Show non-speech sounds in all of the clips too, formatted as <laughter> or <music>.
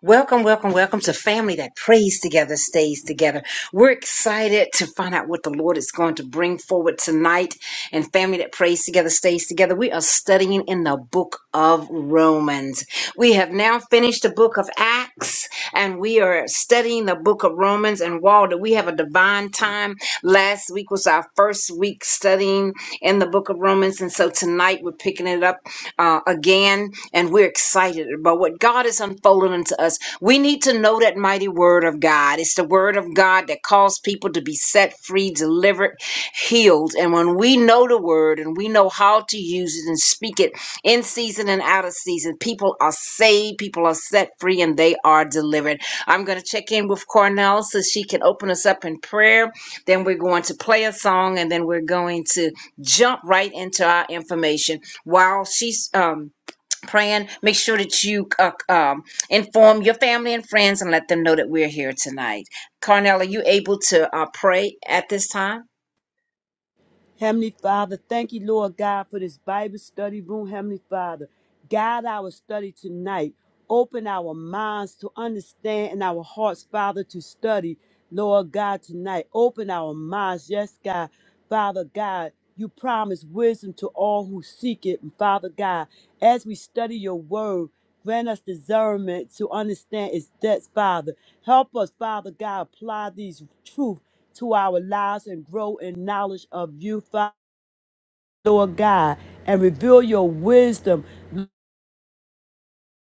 Welcome, welcome, welcome to family that prays together, stays together. We're excited to find out what the Lord is going to bring forward tonight. And family that prays together, stays together. We are studying in the book of Romans. We have now finished the book of Acts and we are studying the book of Romans. And Walter, we have a divine time. Last week was our first week studying in the book of Romans. And so tonight we're picking it up uh, again, and we're excited about what God is unfolding unto us. We need to know that mighty word of God. It's the word of God that calls people to be set free, delivered, healed. And when we know the word and we know how to use it and speak it in season and out of season, people are saved, people are set free, and they are delivered. I'm going to check in with Cornell so she can open us up in prayer. Then we're going to play a song and then we're going to jump right into our information while she's um praying make sure that you uh, um inform your family and friends and let them know that we're here tonight Carnell, are you able to uh, pray at this time Heavenly Father, thank you, Lord God, for this Bible study room. Heavenly Father, guide our study tonight. Open our minds to understand and our hearts, Father, to study, Lord God, tonight. Open our minds, yes, God. Father God, you promise wisdom to all who seek it. And Father God, as we study your word, Grant us discernment to understand its depths, Father. Help us, Father God, apply these truths to our lives and grow in knowledge of you, Father, Lord God, and reveal your wisdom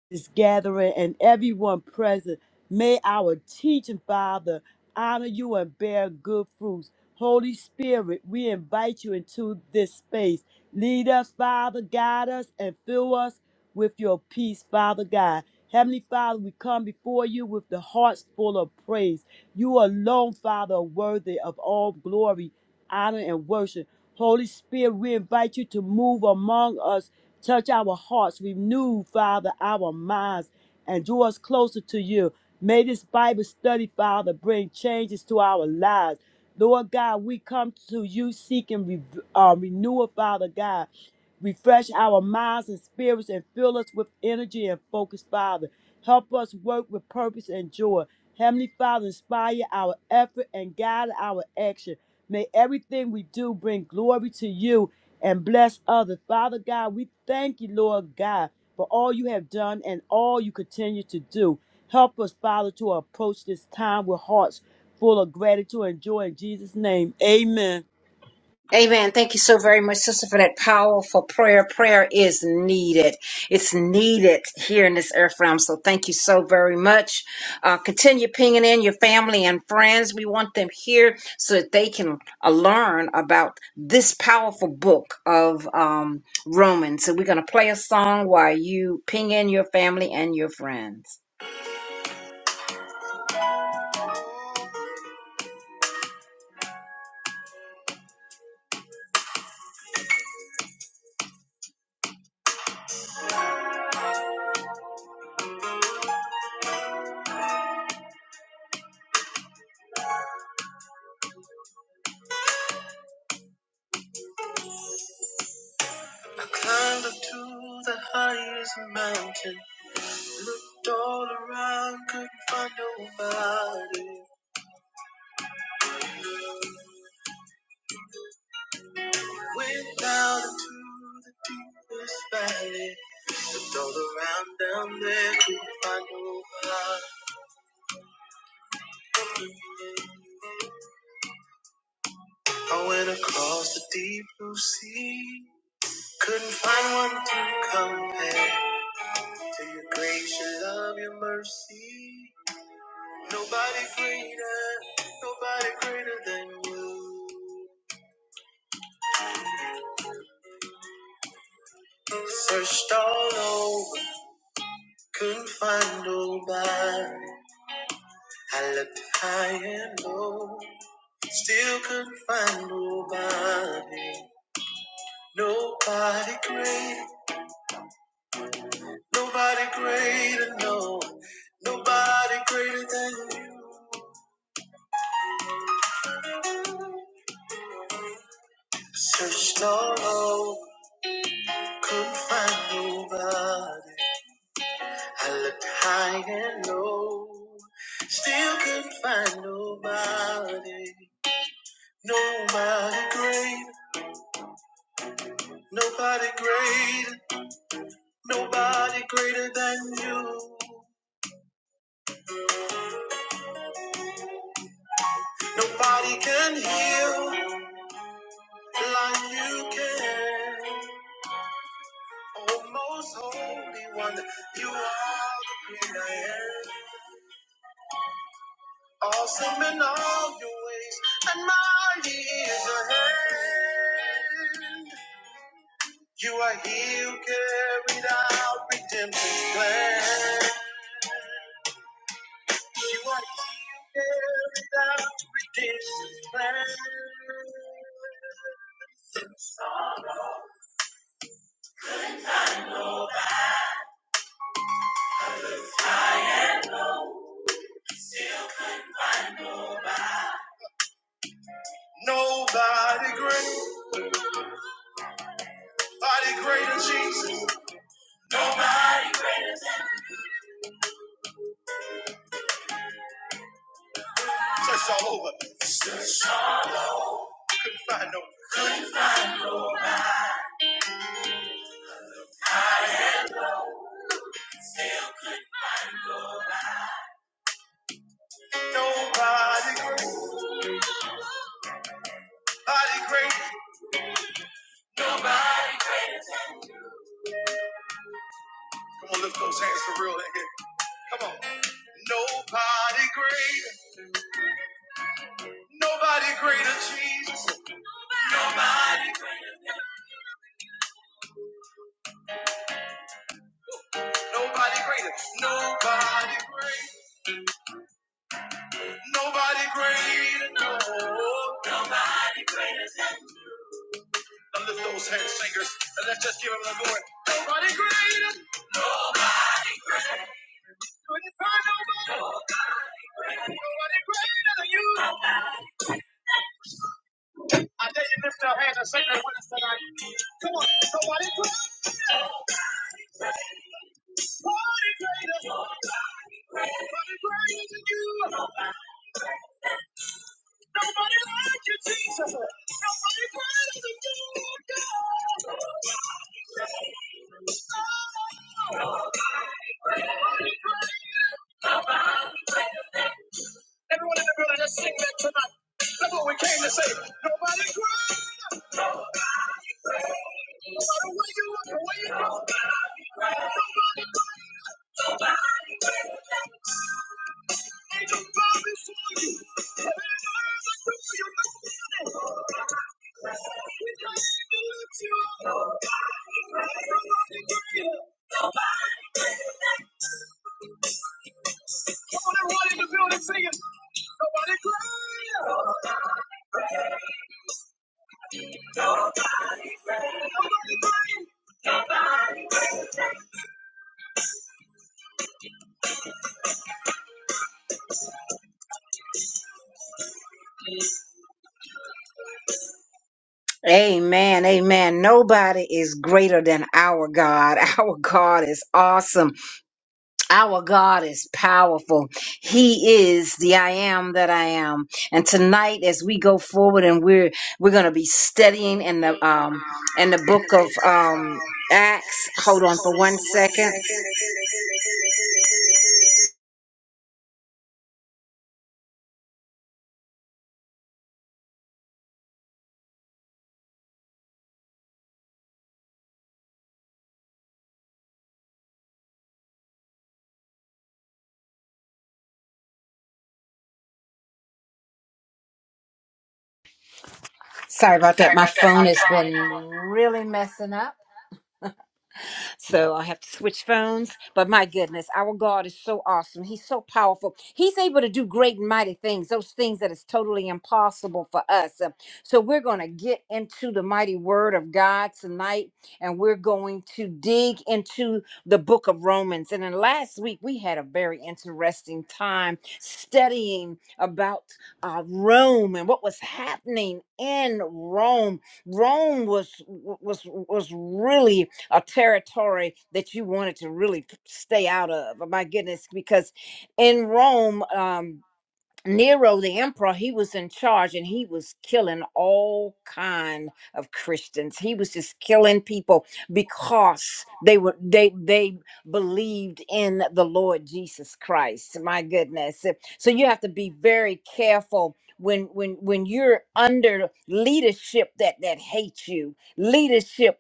this gathering and everyone present. May our teaching, Father, honor you and bear good fruits. Holy Spirit, we invite you into this space. Lead us, Father, guide us, and fill us with your peace, Father God. Heavenly Father, we come before you with the hearts full of praise. You alone, Father, are worthy of all glory, honor, and worship. Holy Spirit, we invite you to move among us Touch our hearts, renew, Father, our minds, and draw us closer to you. May this Bible study, Father, bring changes to our lives. Lord God, we come to you seeking re- uh, renewal, Father God. Refresh our minds and spirits and fill us with energy and focus, Father. Help us work with purpose and joy. Heavenly Father, inspire our effort and guide our action. May everything we do bring glory to you and bless others. Father God, we thank you, Lord God, for all you have done and all you continue to do. Help us, Father, to approach this time with hearts full of gratitude and joy in Jesus' name. Amen. Amen. Thank you so very much, sister, for that powerful prayer. Prayer is needed. It's needed here in this earth realm. So thank you so very much. Uh, continue pinging in your family and friends. We want them here so that they can uh, learn about this powerful book of um, Romans. So we're going to play a song while you ping in your family and your friends. Climbed up to the highest mountain, looked all around, couldn't find nobody. Went down into this valley, looked all around down there, couldn't find nobody. I went across the deep blue sea, couldn't find one to compare to your grace, your love, your mercy. Nobody greater, nobody greater than you. Searched all over, couldn't find nobody. I looked high and low. Still couldn't find nobody, nobody great, nobody greater, no, nobody greater than you. Searched all over, couldn't find nobody. I looked high and low, still couldn't find nobody, nobody great, nobody greater, nobody greater than you. Nobody can heal like you can. Oh, most holy one, you are the great I am. Awesome in all your ways, and mighty is your hand. You are he who carried out redemption's plan. You are he who carried out redemption's plan. Nobody great. Body greater Jesus. Search all over. Couldn't find no nobody great. Body great. Come on, lift those hands for real in here. Come on. Nobody greater. Nobody greater, Jesus. Nobody greater. Nobody greater. Nobody greater. Nobody greater. No. Now lift those hands, singers, and let's just give them the glory. Nobody greater. Couldn't find nobody. Nobody greater than you. I dare you lift your hands and sing that with us tonight. Come on, somebody put somebody greater. Nobody greater than you. Nobody like you, Jesus. Nobody greater than you, God. Nobody greater. Everyone in the building, just sing that tonight. That's what we came to say. Nobody greater. Everyone in the building, sing it. Amen. Amen. Nobody is greater than our God. <laughs> Our God is awesome. Our God is powerful. He is the I am that I am. And tonight, as we go forward and we're, we're going to be studying in the, um, in the book of, um, Acts. Hold on for one second. Sorry about that. My phone has been really messing up. So I have to switch phones. But my goodness, our God is so awesome. He's so powerful. He's able to do great and mighty things, those things that is totally impossible for us. Uh, So we're going to get into the mighty word of God tonight, and we're going to dig into the book of Romans. And then last week, we had a very interesting time studying about uh, Rome and what was happening in Rome. Rome was was was really a territory that you wanted to really stay out of. Oh, my goodness, because in Rome, um, Nero, the emperor, he was in charge and he was killing all kind of Christians. He was just killing people because they were they they believed in the Lord Jesus Christ. My goodness. So you have to be very careful when when when you're under leadership that that hates you, leadership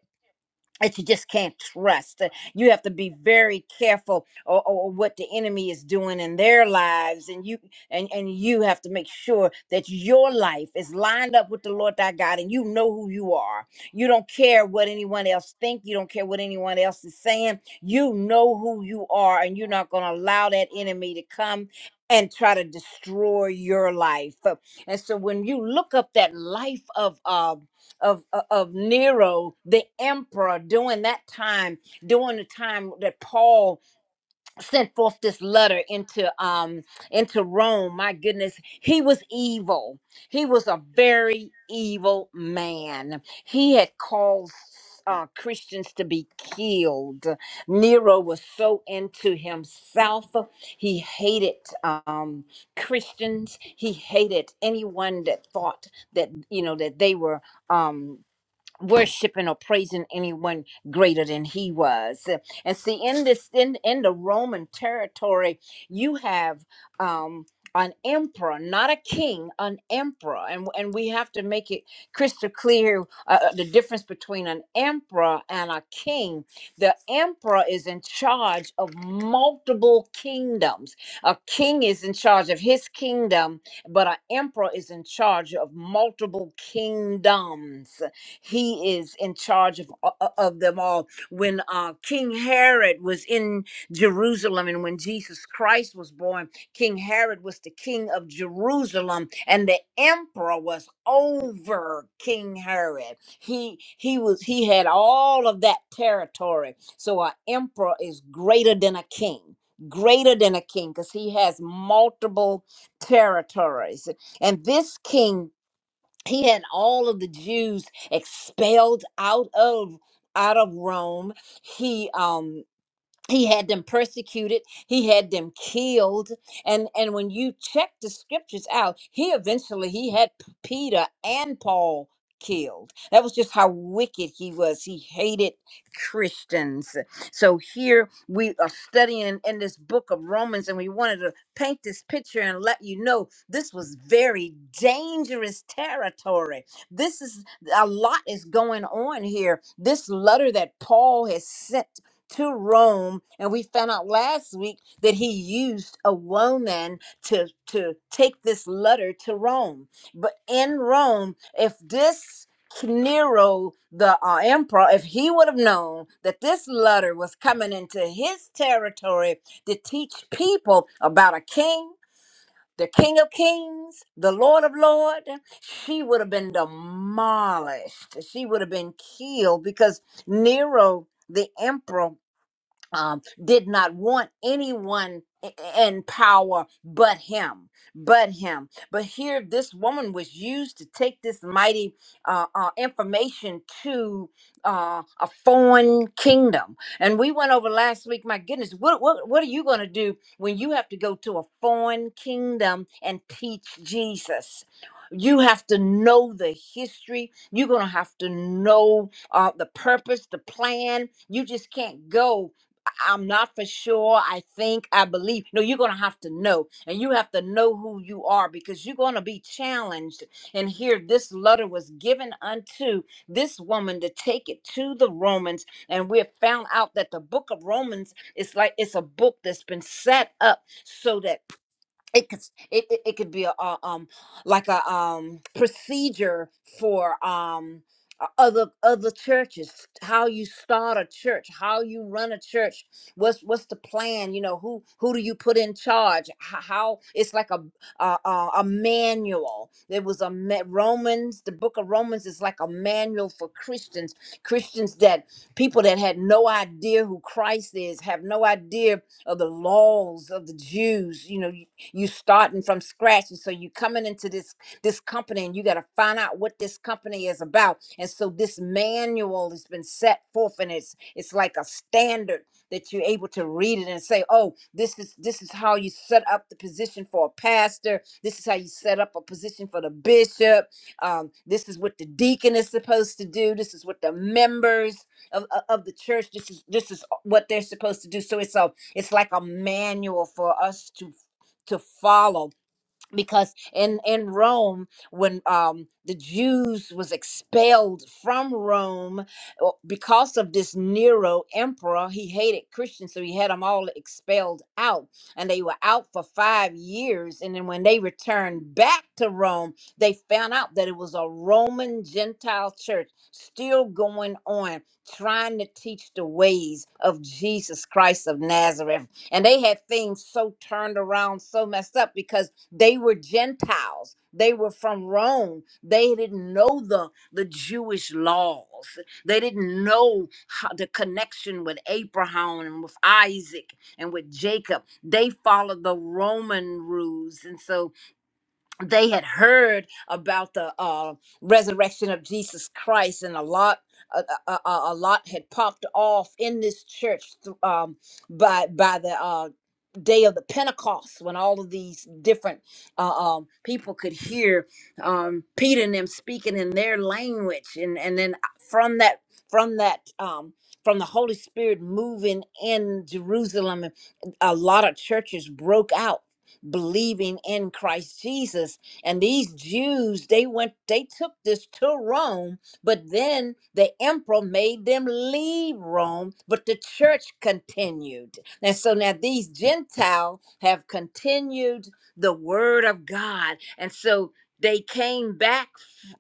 that you just can't trust. Uh, You have to be very careful or, what the enemy is doing in their lives, and you and and you have to make sure that your life is lined up with the Lord thy God, and you know who you are. You don't care what anyone else think. You don't care what anyone else is saying. You know who you are, and you're not going to allow that enemy to come. And try to destroy your life. Uh, And so when you look up that life of uh, of uh, of Nero, the emperor, during that time, during the time that Paul sent forth this letter into um into Rome. My goodness, he was evil. He was a very evil man. He had caused uh, Christians to be killed. Nero was so into himself. He hated um, Christians. He hated anyone that thought that you know that they were. Um, worshiping or praising anyone greater than he was and see in this in in the roman territory you have um an emperor not a king an emperor and and we have to make it crystal clear uh, uh, the difference between an emperor and a king the emperor is in charge of multiple kingdoms a king is in charge of his kingdom but an emperor is in charge of multiple kingdoms he is in charge of, uh, uh, of them all. When uh, King Herod was in Jerusalem and when Jesus Christ was born, King Herod was the king of Jerusalem and the emperor was over King Herod. He he was he had all of that territory. So an emperor is greater than a king, greater than a king cuz he has multiple territories. And this king he had all of the Jews expelled out of out of Rome. He um he had them persecuted he had them killed and and when you check the scriptures out he eventually he had P- peter and paul killed that was just how wicked he was he hated christians so here we are studying in this book of romans and we wanted to paint this picture and let you know this was very dangerous territory this is a lot is going on here this letter that paul has sent to Rome, and we found out last week that he used a woman to to take this letter to Rome. But in Rome, if this Nero, the uh, emperor, if he would have known that this letter was coming into his territory to teach people about a king, the King of Kings, the Lord of Lord, she would have been demolished. She would have been killed because Nero, the emperor, um, did not want anyone i- in power but him but him but here this woman was used to take this mighty uh, uh, information to uh, a foreign kingdom and we went over last week my goodness what, what, what are you going to do when you have to go to a foreign kingdom and teach jesus you have to know the history you're going to have to know uh, the purpose the plan you just can't go I'm not for sure. I think, I believe. No, you're going to have to know. And you have to know who you are because you're going to be challenged. And here, this letter was given unto this woman to take it to the Romans. And we have found out that the book of Romans is like it's a book that's been set up so that it could s- it, it, it could be a uh, um like a um procedure for um o- other other churches how you start a church how you run a church what's what's the plan you know who who do you put in charge how, how it's like a a, a a manual there was a ma- romans the book of romans is like a manual for christians christians that people that had no idea who christ is have no idea of the laws of the Jews. You know, you starting from scratch and so you coming into this this company and you got to find out what this company is about and so this manual has been set forth and it's it's like a standard that you're able to read it and say oh this is this is how you set up the position for a pastor this is how you set up a position for the bishop um, this is what the deacon is supposed to do this is what the members of, of of the church this is this is what they're supposed to do so it's a it's like a manual for us to to follow because in in Rome when um the Jews was expelled from Rome uh, because of this Nero emperor he hated Christians so he had them all expelled out and they were out for 5 years and then when they returned back to Rome they found out that it was a Roman Gentile church still going on trying to teach the ways of Jesus Christ of Nazareth and they had things so turned around so messed up because they were Gentiles. They were from Rome. They didn't know the, the Jewish laws. They didn't know how, the connection with Abraham and with Isaac and with Jacob. They followed the Roman rules. And so they had heard about the uh, resurrection of Jesus Christ, and a lot, a, a, a a lot had popped off in this church th- um, by by the uh, day of the Pentecost, when all of these different uh, um, people could hear um, Peter and them speaking in their language, and and then from that, from that. Um, from the Holy Spirit moving in Jerusalem, a lot of churches broke out believing in Christ Jesus. And these Jews, they went, they took this to Rome, but then the emperor made them leave Rome, but the church continued. And so now these Gentiles have continued the word of God. And so they came back,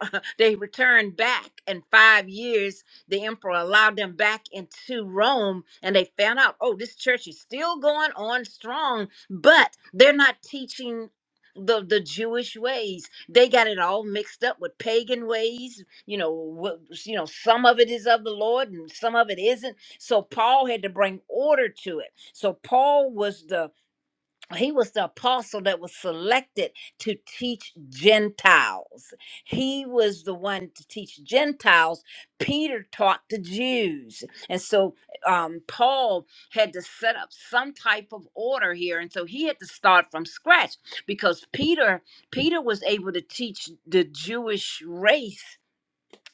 <laughs> they returned back in five years the emperor allowed them back into Rome and they found out, oh, this church is still going on strong, but they're not teaching the the Jewish ways. They got it all mixed up with pagan ways. You know, what, you know, some of it is of the Lord and some of it isn't. So Paul had to bring order to it. So Paul was the he was the apostle that was selected to teach Gentiles. He was the one to teach Gentiles. Peter taught the Jews. And so um, Paul had to set up some type of order here. And so he had to start from scratch because Peter, Peter was able to teach the Jewish race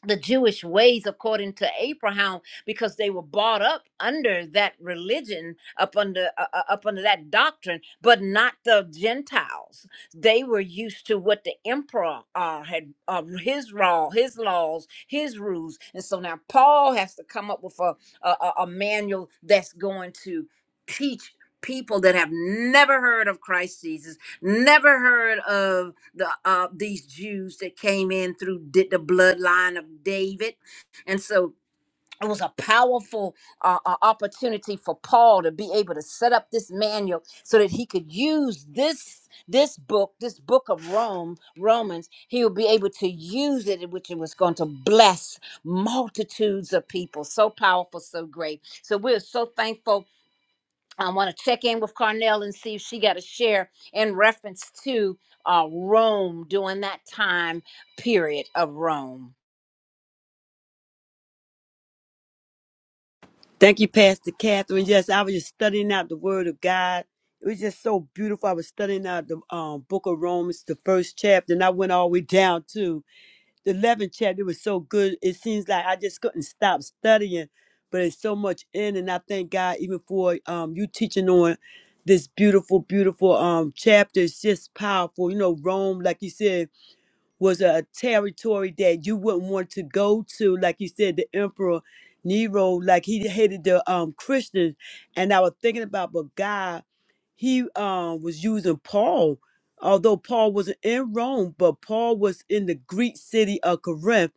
the Jewish ways according to Abraham because they were brought up under that religion up under uh, uh, up under that doctrine but not the Gentiles they were used to what the emperor uh, had uh, his law his laws his rules and so now Paul has to come up with a a, a a manual that's going to teach people that have never heard of Christ Jesus never heard of the uh these Jews that came in through did the bloodline of David, and so it was a powerful uh, uh, opportunity for Paul to be able to set up this manual so that he could use this this book, this book of Rome, Romans, he would be able to use it, which it was going to bless multitudes of people. So powerful, so great. So we're so thankful I want to check in with Carnell and see if she got a share in reference to uh, Rome during that time period of Rome. Thank you, Pastor Catherine. Yes, I was just studying out the Word of God. It was just so beautiful. I was studying out the um, book of Romans, the first chapter, and I went all the way down too. the 11th chapter was so good. It seems like I just couldn't stop studying, but it's so much in, and I thank God even for um you teaching on this beautiful, beautiful um chapter. It's just powerful. You know, Rome, like you said was a territory that you wouldn't want to go to. Like you said, the emperor Nero, like he hated the um Christians. And I was thinking about, but God, he um was using Paul, although Paul wasn't in Rome, but Paul was in the Greek city of Corinth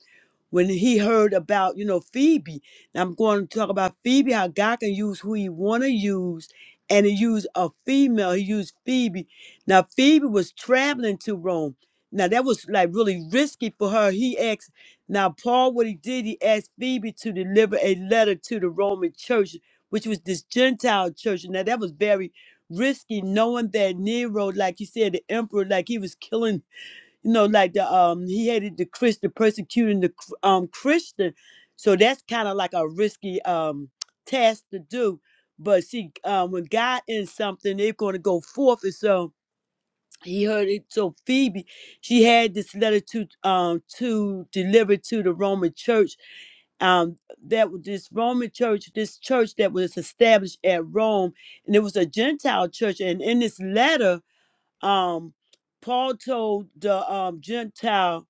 when he heard about, you know, Phoebe. Now I'm going to talk about Phoebe, how God can use who he want to use. And he used a female. He used Phoebe. Now Phoebe was traveling to Rome. Now that was like really risky for her. He asked now Paul what he did, he asked Phoebe to deliver a letter to the Roman church, which was this Gentile church. Now that was very risky, knowing that Nero, like you said, the emperor, like he was killing, you know, like the um he hated the Christian, persecuting the Chr- um Christian. So that's kind of like a risky um task to do. But see, um, when God in something, they're going to go forth. And so he heard it. So Phoebe, she had this letter to um to deliver to the Roman Church. Um, that was this Roman Church, this church that was established at Rome, and it was a Gentile church. And in this letter, um paul told the um gentile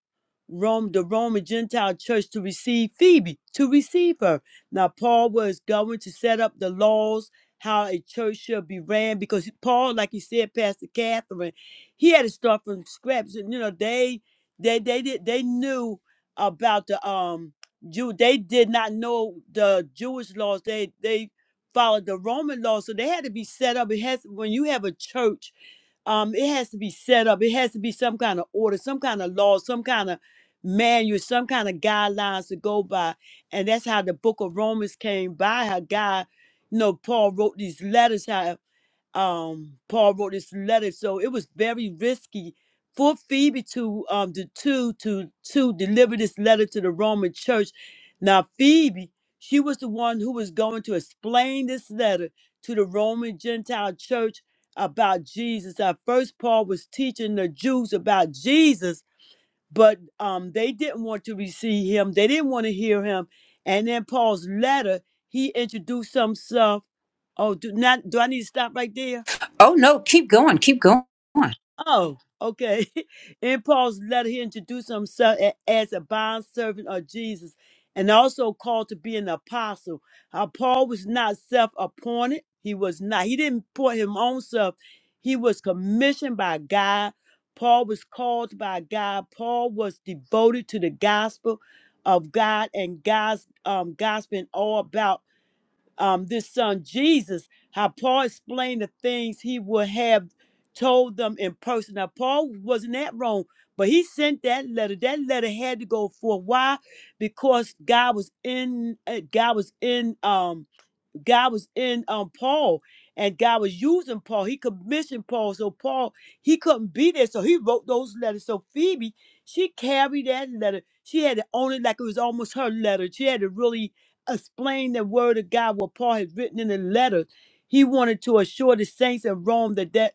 rome the roman gentile church to receive phoebe to receive her now paul was going to set up the laws how a church should be ran because paul like you said pastor catherine he had to start from scratch and you know they they they did they knew about the um jew they did not know the jewish laws they they followed the roman laws so they had to be set up it has when you have a church um, it has to be set up. It has to be some kind of order, some kind of law, some kind of manual, some kind of guidelines to go by. And that's how the book of Romans came by, how God, you know, Paul wrote these letters, how um Paul wrote this letter, so it was very risky for Phoebe to um to to to, to deliver this letter to the Roman church. Now Phoebe, she was the one who was going to explain this letter to the Roman Gentile church about Jesus. At first Paul was teaching the Jews about Jesus, but um they didn't want to receive him. They didn't want to hear him. And then Paul's letter, he introduced himself. Oh, do not do I need to stop right there? Oh no, keep going, keep going. Oh, okay. <laughs> In Paul's letter, he introduced himself a- as a bond servant of Jesus and also called to be an apostle. How Paul was not self appointed, he was not. He didn't appoint him own self, he was commissioned by God. Paul was called by God. Paul was devoted to the gospel of God and God's um, gospel and all about um, this son Jesus, how Paul explained the things he would have told them in person. Now, Paul wasn't at Rome, but he sent that letter. That letter had to go for why? Because God was in uh, God was in um. God was in um Paul and God was using Paul. He commissioned Paul. So Paul, he couldn't be there. So he wrote those letters. So Phoebe, she carried that letter. She had to own it like it was almost her letter. She had to really explain the word of God, what Paul had written in the letter. He wanted to assure the saints in Rome that that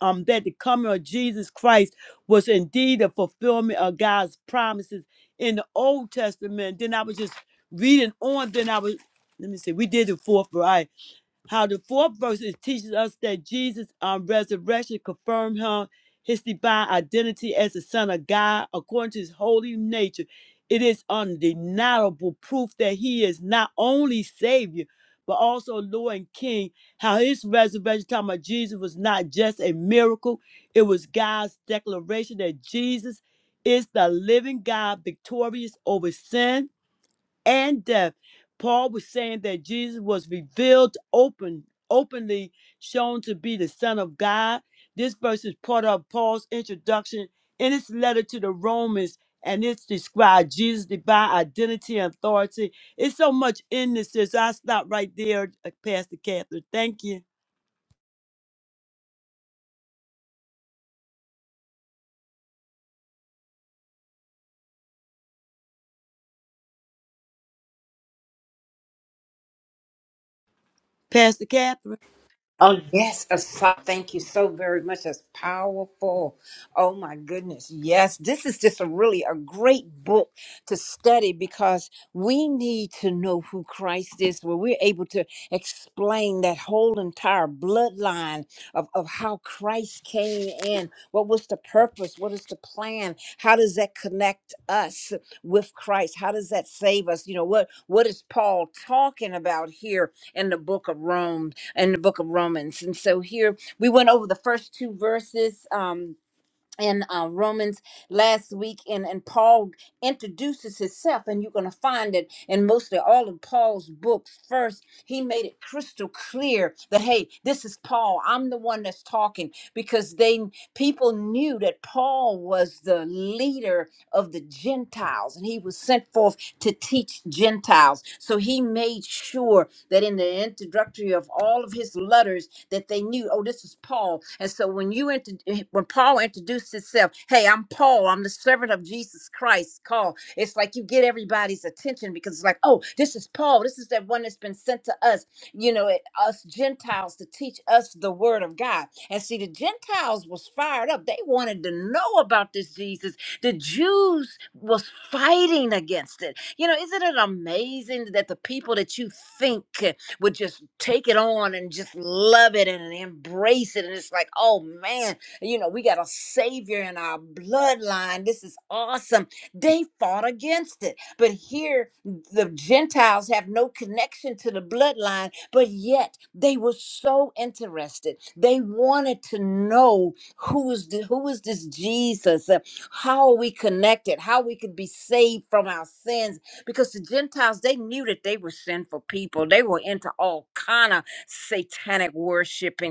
um that the coming of Jesus Christ was indeed a fulfillment of God's promises in the Old Testament. Then I was just reading on, then I was let me see, we did the fourth, right? How the fourth verse is teaches us that Jesus' um, resurrection confirmed him his divine identity as the Son of God according to his holy nature. It is undeniable proof that he is not only Savior, but also Lord and King. How his resurrection, talking about Jesus, was not just a miracle, it was God's declaration that Jesus is the living God, victorious over sin and death. Paul was saying that Jesus was revealed open, openly shown to be the Son of God. This verse is part of Paul's introduction in his letter to the Romans, and it's described Jesus' divine identity and authority. It's so much in this, sis. I'll stop right there, uh, Pastor Catherine. Thank you. Pastor Catherine. Oh yes, a so- thank you so very much. That's powerful. Oh my goodness, yes, this is just a really a great book to study because we need to know who Christ is, where we're able to explain that whole entire bloodline of of how Christ came in. What was the purpose? What is the plan? How does that connect us with Christ? How does that save us? You know what what is Paul talking about here in the book of Rome? in the book of Romans. And so here we went over the first two verses. Um, in uh, Romans last week, and, and Paul introduces himself, and you're going to find it in mostly all of Paul's books. First, he made it crystal clear that hey, this is Paul. I'm the one that's talking because they people knew that Paul was the leader of the Gentiles, and he was sent forth to teach Gentiles. So he made sure that in the introductory of all of his letters that they knew, oh, this is Paul. And so when you int- when Paul introduced himself, hey, I'm Paul, I'm the servant of Jesus Christ, call. It's like you get everybody's attention because it's like, oh, this is Paul. This is that one that's been sent to us, you know, it, us Gentiles to teach us the word of God. And see, the Gentiles was fired up. They wanted to know about this Jesus. The Jews was fighting against it. You know, isn't it amazing that the people that you think would just take it on and just love it and embrace it. And it's like, oh man, you know, we got a savior in our bloodline. This is awesome. They fought against it. But here, the Gentiles have no connection to the bloodline, but yet they were so interested. They wanted to know who is, the, who is this Jesus? Uh, How are we connected? How we could be saved from our sins? because the Gentiles they knew that they were sinful people. They were into all kind of satanic worship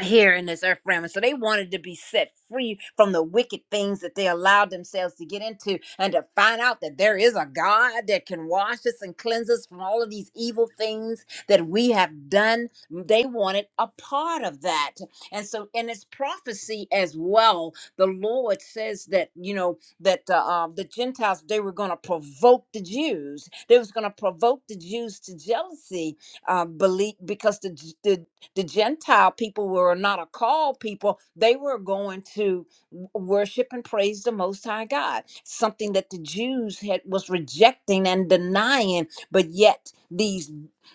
here in this earth realm. And so they wanted to be set free from the wicked things that they allowed themselves to get into and to find out that there is a God that can wash us and cleanse us from all of these evil things that we have done. They wanted a part of that. And so in its prophecy as well, the Lord says that, you know, that the, um, the Gentiles, they were going to provoke the Jews. They was going to provoke the Jews to jealousy uh, believe because the, J- the the Gentile people were not a called people. They were going to w- worship and praise the Most High God, something that the Jews had was rejecting and denying. But yet these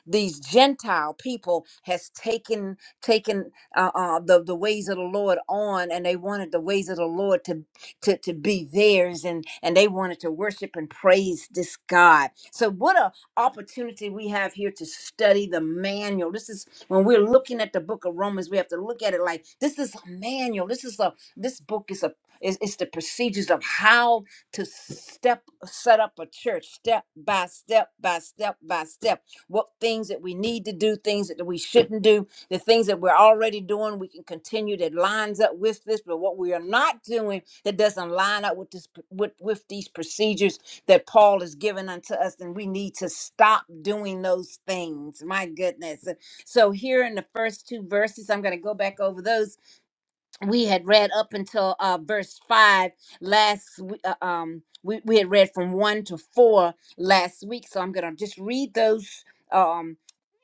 these Gentile people has taken taken uh, uh, the the ways of the Lord on, and they wanted the ways of the Lord to to, to be theirs and and they wanted to worship and praise this god so what a opportunity we have here to study the manual this is when we're looking at the book of Romans, we have to look at it like this is a manual. This is a this book is a is, is the procedures of how to step set up a church step by step by step by step. What things that we need to do, things that we shouldn't do, the things that we're already doing, we can continue that lines up with this, but what we are not doing that doesn't line up with this with, with these procedures that Paul has given unto us, then we need to stop doing those things. My goodness. So here in the first two verses, I'm going to go back over those we had read up until uh, verse five last. w- Uh, um, we we had read from one to four last week, so I'm going to just read those. Um,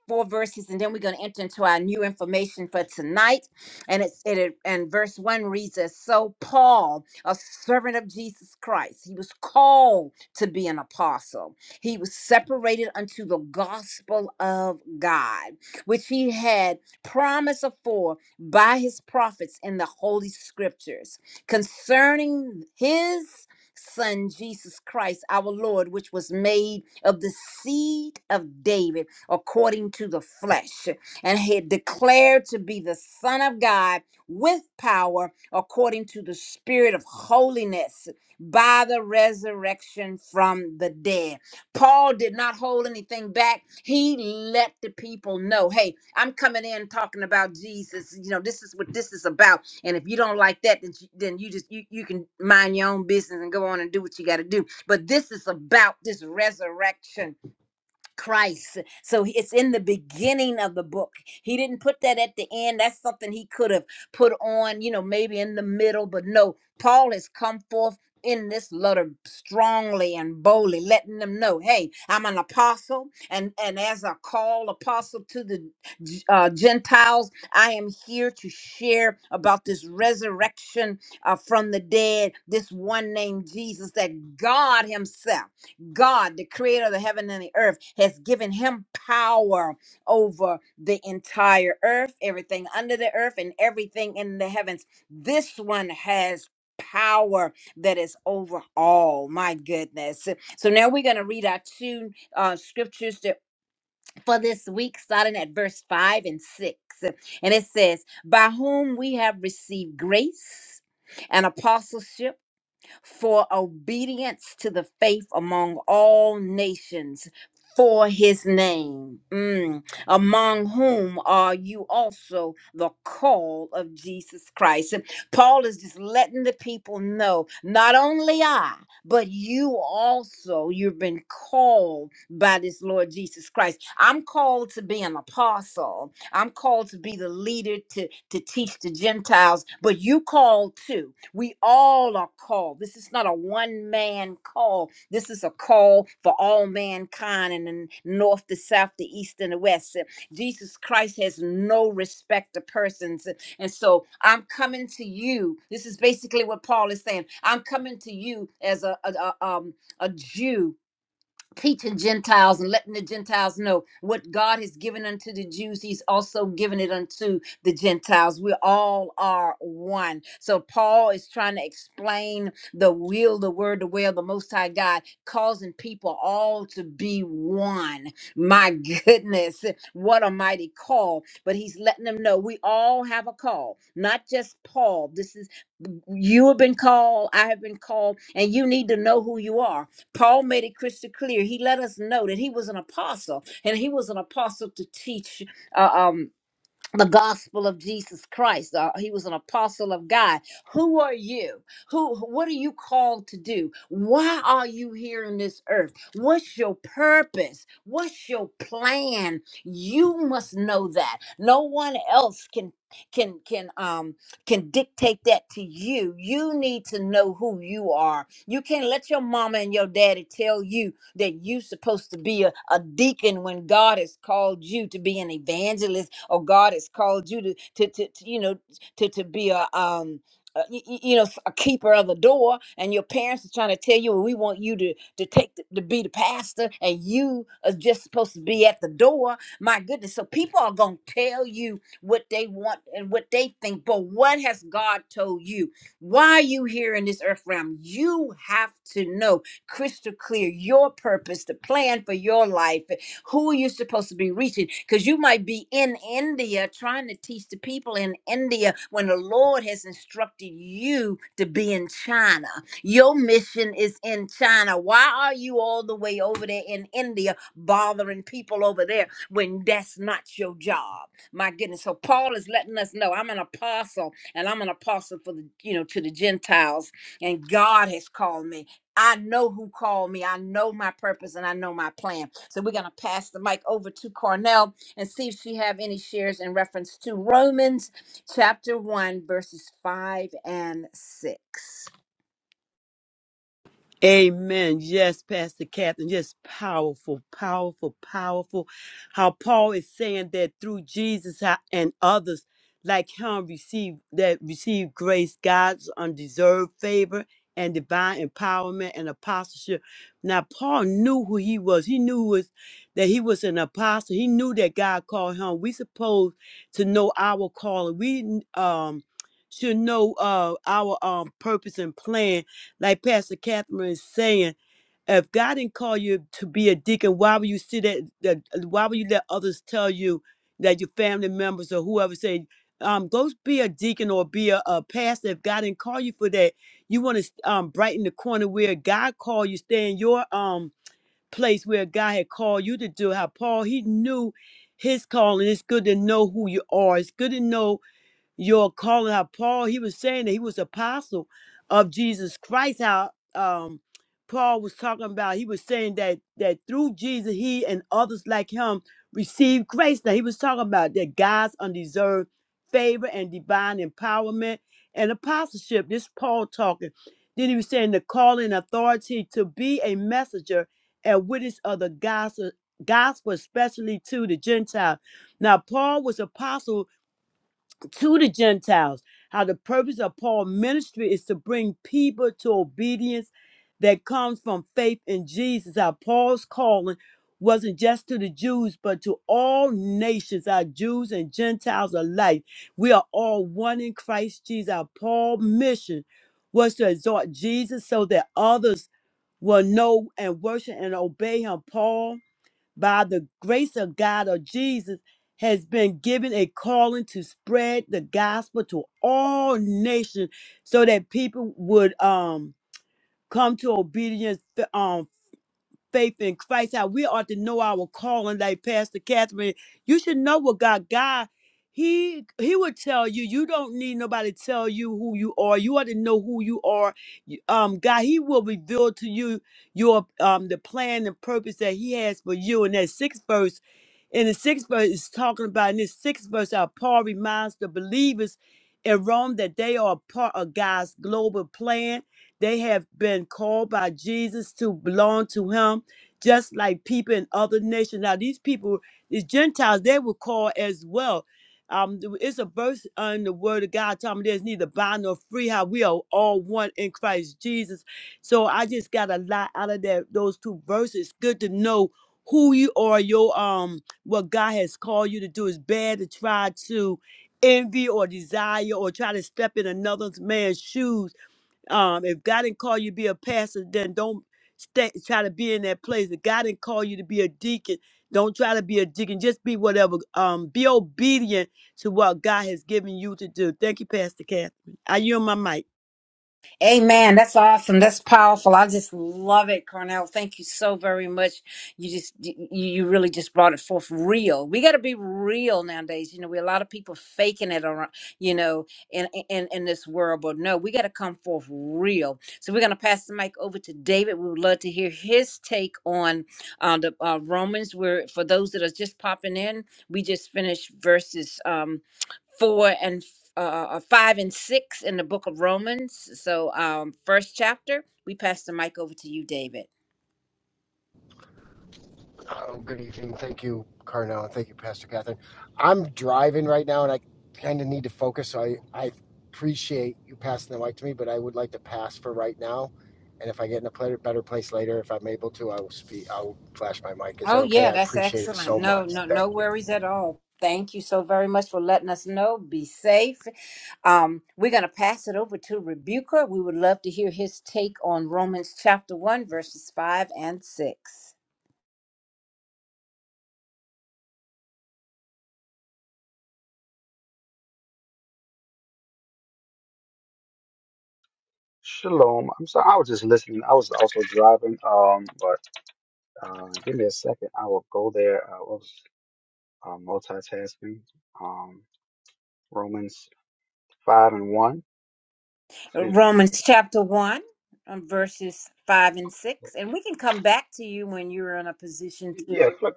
four verses and then we're going to enter into our new information for tonight and it's it it- and verse one reads as so paul a servant of jesus christ he was called to be an apostle he was separated unto the gospel of god which he had promised afore by his prophets in the holy scriptures concerning his son jesus christ our lord which was made of the seed of david according to the flesh, and had declared to be the Son of God with power according to the Spirit of holiness by the resurrection from the dead. Paul did not hold anything back. He let the people know, hey, I'm coming in talking about Jesus. You know, this is what this is about. And if you don't like that, then you, then you just you, you can mind your own business and go on and do what you got to do. But this is about this resurrection Christ. So it's in the beginning of the book. He didn't put that at the end. That's something he could have put on, you know, maybe in the middle, but no. Paul has come forth in this letter strongly and boldly, letting them know, hey, I'm an apostle, and and as a call apostle to the uh, Gentiles, I am here to share about this resurrection uh, from the dead, this one named Jesus that God Himself. God, the creator of the heaven and the earth, has given him power over the entire earth, everything under the earth, and everything in the heavens. This one has power that is over all. My goodness. So now we're going to read our two uh, scriptures that, for this week, starting at verse 5 and 6. And it says, By whom we have received grace and apostleship for obedience to the faith among all nations for his name, Mm. among whom are you also the call of Jesus Christ. And Paul is just letting the people know not only I, but you also, you've been called by this Lord Jesus Christ. I'm called to be an apostle. I'm called to be the leader to, to teach the Gentiles, but you called too. We all are called. This is not a one man call. This is a call for all mankind in the north, the south, the east, and the west. Jesus Christ has no respect to persons. And so I'm coming to you. This is basically what Paul is saying. I'm coming to you as a, a, a, um, a Jew teaching Gentiles and letting the Gentiles know what God has given unto the Jews, He's also given it unto the Gentiles. We all are one. So Paul is trying to explain the will, the word, the way of the Most High God, causing people all to be one. My <laughs> goodness, what a mighty call. But he's letting them know we all have a call, not just Paul. This is you have been called, I have been called, and you need to know who you are Paul made it crystal clear. He let us know that he was an apostle, and he was an apostle to teach. uh, um, the gospel of Jesus Christ. Uh, he was an apostle of God. Who are you? Who what are you called to do? Why are you here in this earth? What's your purpose? What's your plan? You must know that. No one else can can can um can dictate that to you. You need to know who you are. You can't let your mama and your daddy tell you that you're supposed to be a, a deacon when God has called you to be an evangelist or God has called you to, to, to, to you know, to, to be a, um, uh, y- y- you know s- a keeper of the door and your parents are trying to tell you well, we want you to to take the, to be the pastor and you are just supposed to be at the door my goodness so people are going to tell you what they want and what they think but what has god told you why are you here in this earth realm you have to know crystal clear your purpose, the plan for your life, who you're supposed to be reaching. Because you might be in India trying to teach the people in India when the Lord has instructed you to be in China. Your mission is in China. Why are you all the way over there in India bothering people over there when that's not your job? My goodness. So Paul is letting us know I'm an apostle and I'm an apostle for the, you know, to the Gentiles and God has called me. I know who called me. I know my purpose and I know my plan. So we're going to pass the mic over to Cornell and see if she have any shares in reference to Romans chapter 1 verses 5 and 6. Amen. Yes, Pastor Catherine. Yes, powerful, powerful, powerful. How Paul is saying that through Jesus how- and others like him receive that receive grace, God's undeserved favor and divine empowerment and apostleship. Now Paul knew who he was. He knew was that he was an apostle. He knew that God called him. We supposed to know our calling. We um should know uh our um purpose and plan like Pastor Catherine is saying, if God didn't call you to be a deacon, why would you see that, that? Why would you let others tell you that your family members or whoever say, um, go be a deacon or be a, a pastor? If God didn't call you for that, you want to um, brighten the corner where God called you, stay in your um place where God had called you to do. How Paul he knew his calling. It's good to know who you are. It's good to know your calling how Paul he was saying that he was apostle of Jesus Christ how um Paul was talking about he was saying that that through Jesus he and others like him received grace that he was talking about that God's undeserved favor and divine empowerment and apostleship this Paul talking then he was saying the calling and authority to be a messenger and witness of the gospel gospel especially to the Gentile now Paul was apostle to the Gentiles. How the purpose of Paul's ministry is to bring people to obedience that comes from faith in Jesus. How Paul's calling wasn't just to the Jews, but to all nations, our Jews and Gentiles alike. We are all one in Christ Jesus. Our Paul's mission was to exhort Jesus so that others will know and worship and obey him. Paul by the grace of God or Jesus, has been given a calling to spread the gospel to all nations so that people would um come to obedience um, faith in Christ, how we ought to know our calling, like Pastor Catherine. You should know what God, God, He He would tell you. You don't need nobody to tell you who you are. You ought to know who you are. You- Um, God, He will reveal to you your um the plan and purpose that He has for you. And that sixth verse, in the sixth verse is talking about in this sixth verse how Paul reminds the believers in Rome that they are a part of God's global plan. They have been called by Jesus to belong to him just like people in other nations. Now, these people, these Gentiles, they were called as well. Um, th- it's a verse in the word of God telling me there's neither bond nor free, how we are all one in Christ Jesus. So I just got a lot out of that those two verses. Good to know who you are, your um what God has called you to do. is bad to try to envy or desire or try to step in another man's shoes um, if God didn't call you to be a pastor, then don't stay, try to be in that place. If God didn't call you to be a deacon, don't try to be a deacon. Just be whatever. Um, be obedient to what God has given you to do. Thank you, Pastor Catherine. I yield my mic. Amen. That's awesome. That's powerful. I just love it, Cornell. Thank you so very much. You just you, you really just brought it forth real. We got to be real nowadays. You know, we a lot of people faking it around, you know, in in in this world, but no, we got to come forth real. So we're going to pass the mic over to David. We would love to hear his take on uh, the uh, Romans where for those that are just popping in, we just finished verses um, four and uh, five and six in the book of Romans. So, um, first chapter. We pass the mic over to you, David. Um, Good evening. Thank you, Carnell. Thank you, Pastor Catherine. I'm driving right now, and I kind of need to focus. So I, I appreciate you passing the mic to me, but I would like to pass for right now. And if I get in a pla- better place later, if I'm able to, I will speak. I will flash my mic. Is that Oh okay? yeah, I that's appreciate it excellent. so No, much. no, Thank no you. worries at all. Thank you so very much for letting us know. Be safe. Um, we're gonna pass it over to Rebuker. We would love to hear his take on Romans chapter one, verses five and six. Shalom. I'm sorry, I was just listening. I was also driving. Um, but uh, give me a second. I will go there. I was uh, multitasking. Um, Romans five and one. Excuse me. Romans chapter one, um, verses five and six, and we can come back to you when you're in a position to. Yeah, click.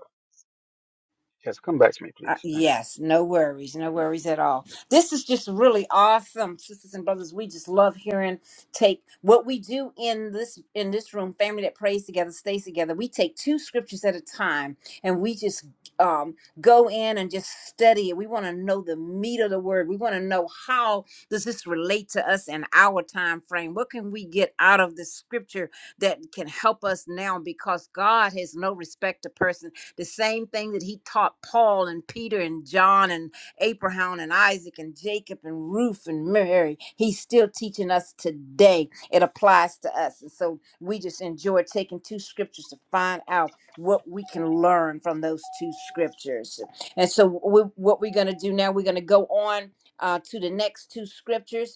Yes, come back to me, Uh, please. Thank you. yes, no worries, no worries at all. This is just really awesome, sisters and brothers. We just love hearing take what we do in this in this room, family that prays together, stays together. We take two scriptures at a time, and we just um, go in and just study it. We want to know the meat of the word. We want to know how does this relate to us in our time frame. What can we get out of this scripture that can help us now? Because God has no respect to person the same thing that he taught Paul and Peter and John and Abraham and Isaac and Jacob and Ruth and Mary. He's still teaching us today. It applies to us. And so we just enjoy taking two scriptures to find out what we can learn from those two scriptures. And so, we, what we're going to do now, we're going to go on uh, to the next two scriptures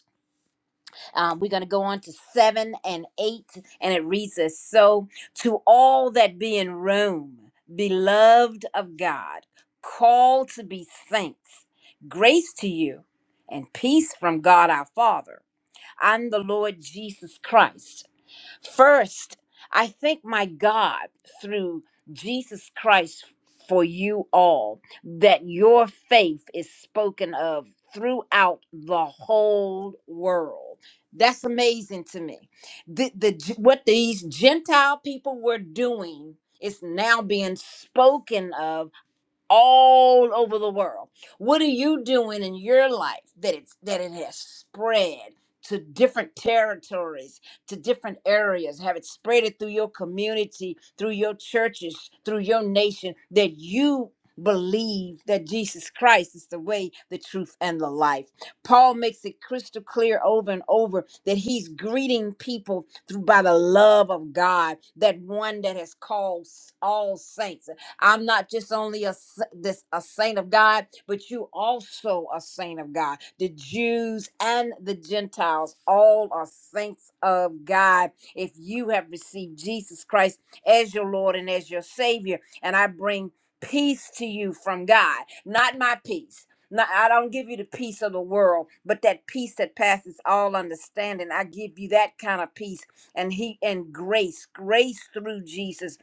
um, we're going to go on to seven and eight, and it reads as so to all that be in Rome, beloved of God, called to be saints, grace to you and peace from God our Father and the Lord Jesus Christ. First, I thank my God through Jesus Christ for you all that your faith is spoken of throughout the whole world. That's amazing to me. The, the G- what these Gentile people were doing is now being spoken of all over the world. What are you doing in your life that it's that it has spread to different territories, to different areas? Have it spread it through your community, through your churches, through your nation that you believe that Jesus Christ is the way, the truth and the life. Paul makes it crystal clear over and over that he's greeting people through by the love of God, that one that has called all saints. I'm not just only a s- this a saint of God, but you also a saint of God. The Jews and the Gentiles all are saints of God. If you have received Jesus Christ as your Lord and as your Savior, and I bring peace to you from God, not my peace. Not, I don't give you the peace of the world, but that peace that passes all understanding. I give you that kind of peace and he and grace, grace through Jesus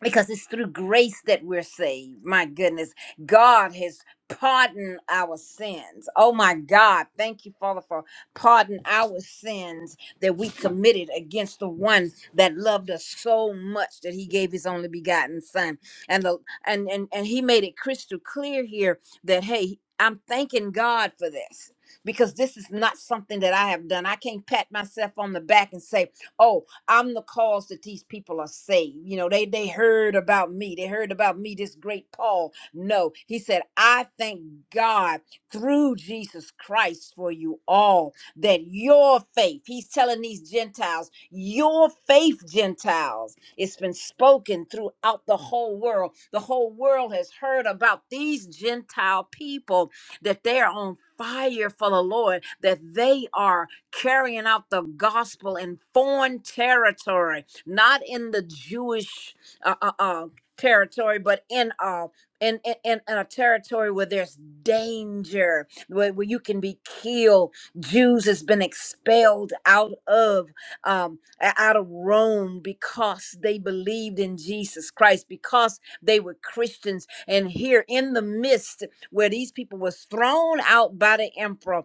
because it's through grace that we're saved. My goodness, God has pardoned our sins. Oh my God, thank you, Father, for pardoning our sins that we committed against the one that loved us so much that He gave His only begotten Son. And the and and and He made it crystal clear here that hey, I'm thanking God for this. Because this is not something that I have done. I can't pat myself on the back and say, oh, I'm the cause that these people are saved. You know, they they heard about me. They heard about me, this great Paul. No, he said, I thank God through Jesus Christ for you all that your faith, he's telling these Gentiles, your faith, Gentiles, it's been spoken throughout the whole world. The whole world has heard about these Gentile people that they are on fire for the Lord, that they are carrying out the gospel in foreign territory, not in the Jewish uh, uh, uh, territory, but in uh, in, in in in a territory where there's danger, where, where you can be killed. Jews has been expelled out of um, a- out of Rome because they believed in Jesus Christ, because they were Christians. And here in the midst where these people was thrown out by the emperor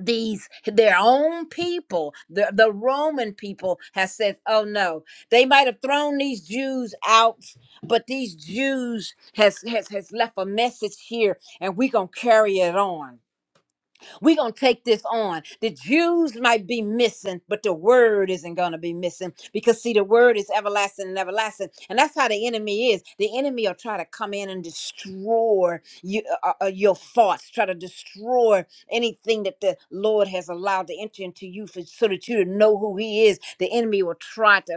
these their own people the, the roman people has said oh no they might have thrown these jews out but these jews has has, has left a message here and we gonna carry it on we're going to take this on. The Jews might be missing, but the word isn't going to be missing because, see, the word is everlasting and everlasting. And that's how the enemy is. The enemy will try to come in and destroy you, uh, uh, uh, your thoughts, try to destroy anything that the Lord has allowed to enter into you for, so that you to know who He is. The enemy will try to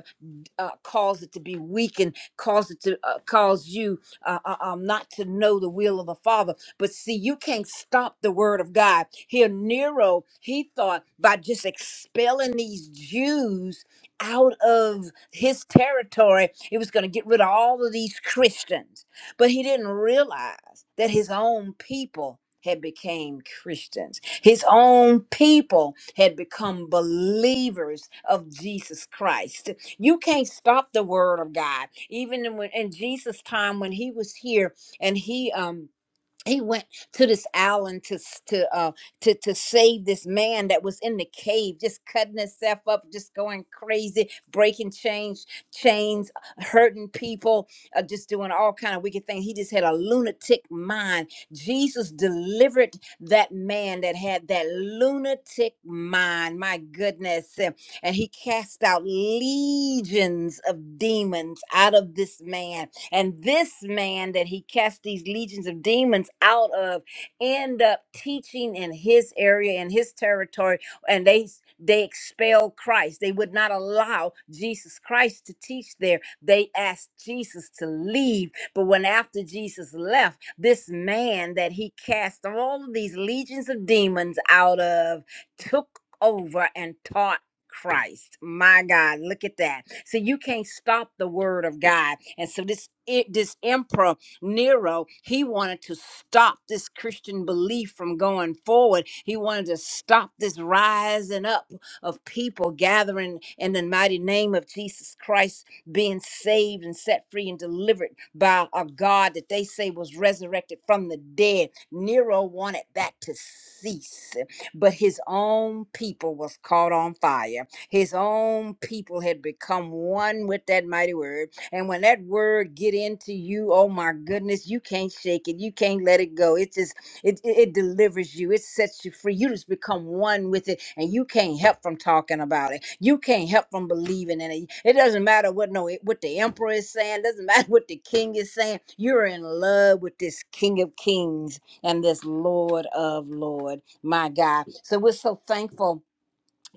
uh, cause it to be weak and cause it to uh, cause you uh, uh, um, not to know the will of the Father. But see, you can't stop the word of God. Here, Nero, he thought by just expelling these Jews out of his territory, it was going to get rid of all of these Christians. But he didn't realize that his own people had became Christians. His own people had become believers of Jesus Christ. You can't stop the word of God. Even in when in Jesus' time when he was here and he um he went to this island to s- to uh to to save this man that was in the cave just cutting himself up just going crazy breaking chains chains hurting people uh, just doing all kind of wicked things he just had a lunatic mind jesus delivered that man that had that lunatic mind my goodness Uh, and he cast out legions of demons out of this man and this man that he cast these legions of demons out of end up teaching in his area, in his territory, and they they expelled Christ. They would not allow Jesus Christ to teach there. They asked Jesus to leave. But when after Jesus left, this man that he cast all of these legions of demons out of took over and taught Christ. My God, look at that. So you can't stop the word of God. And so this it, this emperor Nero, he wanted to stop this Christian belief from going forward. He wanted to stop this rising up of people gathering in the mighty name of Jesus Christ being saved and set free and delivered by a God that they say was resurrected from the dead. Nero wanted that to cease but his own people was caught on fire. His own people had become one with that mighty word. And when that word get into you, oh my goodness, you can't shake it. You can't let it go. It just it it, it delivers you. It sets you free. You just become one with it, and you can't help from talking about it. You can't help from believing in it. It doesn't matter what no what the emperor is saying. Doesn't <laughs> matter what the king is saying. You're in love with this King of Kings and this Lord of Lord, my God. So we're so thankful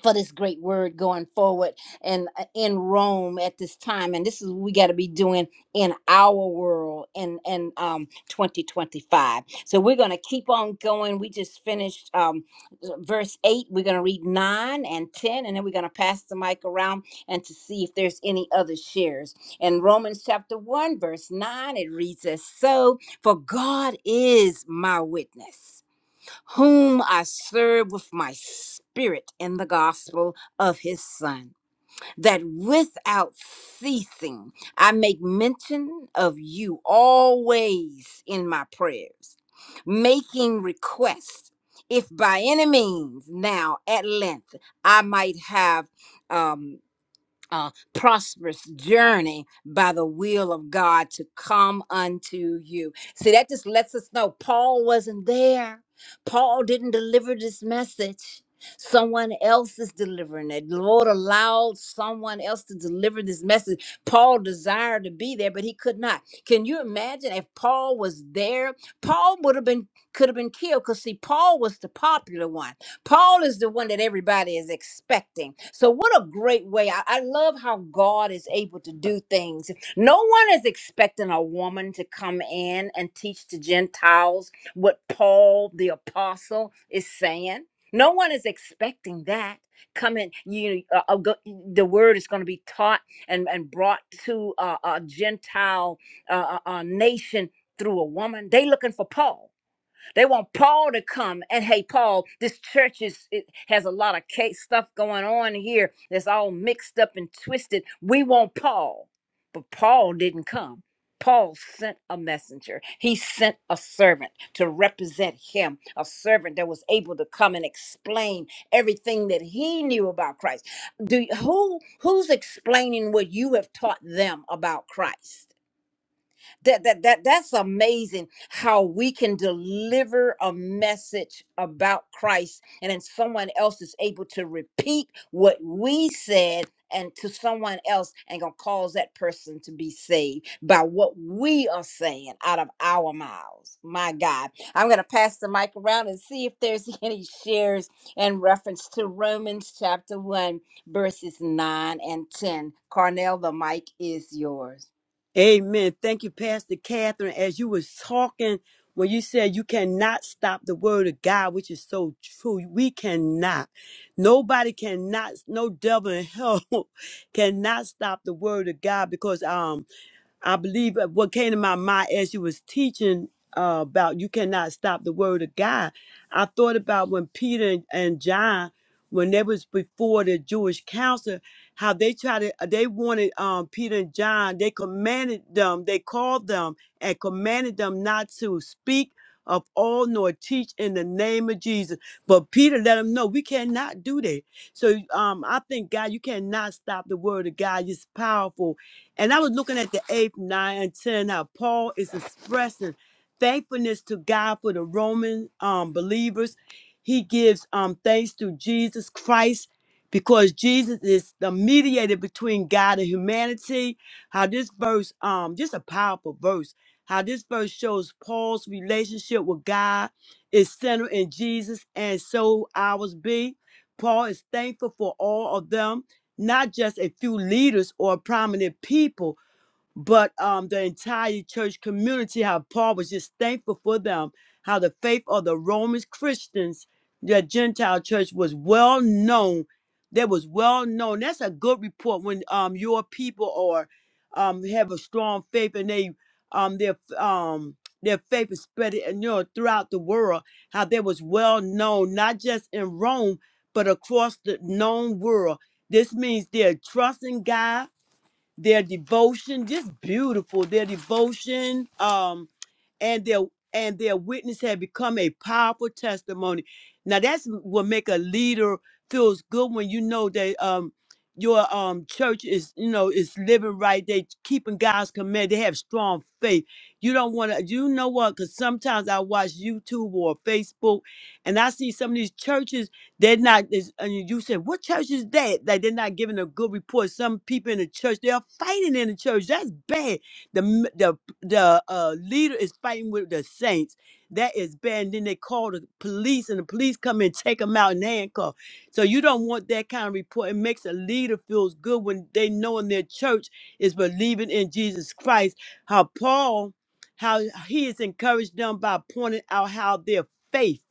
for this great word going forward and uh, in Rome at this time. And this is what we got to be doing in our world in in um 2025. So we're gonna keep on going. We just finished um verse eight. We're gonna read nine and ten, and then we're gonna pass the mic around and to see if there's any other shares. In Romans chapter one, verse nine, it reads as so: For God is my witness whom I serve with my spirit in the gospel of his Son, that without ceasing I make mention of you always in my prayers, making request if by any means now at length I might have. um uh, prosperous journey by the will of God to come unto you. See, that just lets us know Paul wasn't there. Paul didn't deliver this message. Someone else is delivering it. The Lord allowed someone else to deliver this message. Paul desired to be there, but he could not. Can you imagine if Paul was there? Paul would have been could have been killed because see, Paul was the popular one. Paul is the one that everybody is expecting. So, what a great way. I, I love how God is able to do things. No one is expecting a woman to come in and teach the Gentiles what Paul the apostle is saying. No one is expecting that. Coming, you uh, uh, go- the word is going to be taught and, and brought to uh, a Gentile uh, uh, uh, nation through a woman. They looking for Paul. They want Paul to come and hey, Paul, this church is it has a lot of case stuff going on here that's all mixed up and twisted. We want Paul, but Paul didn't come. Paul sent a messenger. He sent a servant to represent him, a servant that was able to come and explain everything that he knew about Christ. Do who who's explaining what you have taught them about Christ? That that that that's amazing how we can deliver a message about Christ and then someone else is able to repeat what we said and to someone else and gonna cause that person to be saved by what we are saying out of our mouths. My God. I'm gonna pass the mic around and see if there's <laughs> any shares in reference to Romans chapter one verses nine and ten. Carnell, the mic is yours. Amen. Thank you, Pastor Catherine. As you was talking, when you said you cannot stop the word of God, which is so true, we cannot. Nobody cannot. No devil in hell <laughs> cannot stop the word of God because um I believe that what came to my mind as you was teaching uh, about you cannot stop the word of God. I thought about when Peter and, and John, when they was before the Jewish council, how they tried to uh, they wanted um, Peter and John. They commanded them. They called them and commanded them not to speak of all nor teach in the name of Jesus. But Peter let them know we cannot do that. So um, I think God, you cannot stop the word of God. It's powerful and I was looking at the eighth, nine, and ten. How Paul is expressing thankfulness to God for the Roman um, believers. He gives um, thanks to Jesus Christ because Jesus is the mediator between God and humanity. How this verse, um, just a powerful verse. How this verse shows Paul's relationship with God is centered in Jesus, and so ours be. Paul is thankful for all of them not just a few leaders or prominent people, but um, the entire church community, how Paul was just thankful for them, how the faith of the Roman Christians, the Gentile church was well known. That was well known. That's a good report when um your people or um have a strong faith and they um their um their faith is spread and you know throughout the world. How that was well known, not just in Rome, but across the known world. This means they're trusting God their devotion, just beautiful. Their devotion, um, and their and their witness had become a powerful testimony. Now that's what make a leader feels good when you know that um your um church is you know is living right. They keeping God's command. They have strong faith. You don't want to. You know what? Because sometimes I watch YouTube or Facebook, and I see some of these churches. They're not. it's- And you said, what church is that? That they're not giving a good report. Some people in the church they are fighting in the church. That's bad. The m- the the uh, leader is fighting with the saints. That is bad. And then they call the police, and the police come and take them out and handcuff. So you don't want that kind of report. It makes a leader feels good when they know in their church is believing in Jesus Christ. How Paul, how he is encouraged them by pointing out how their faith.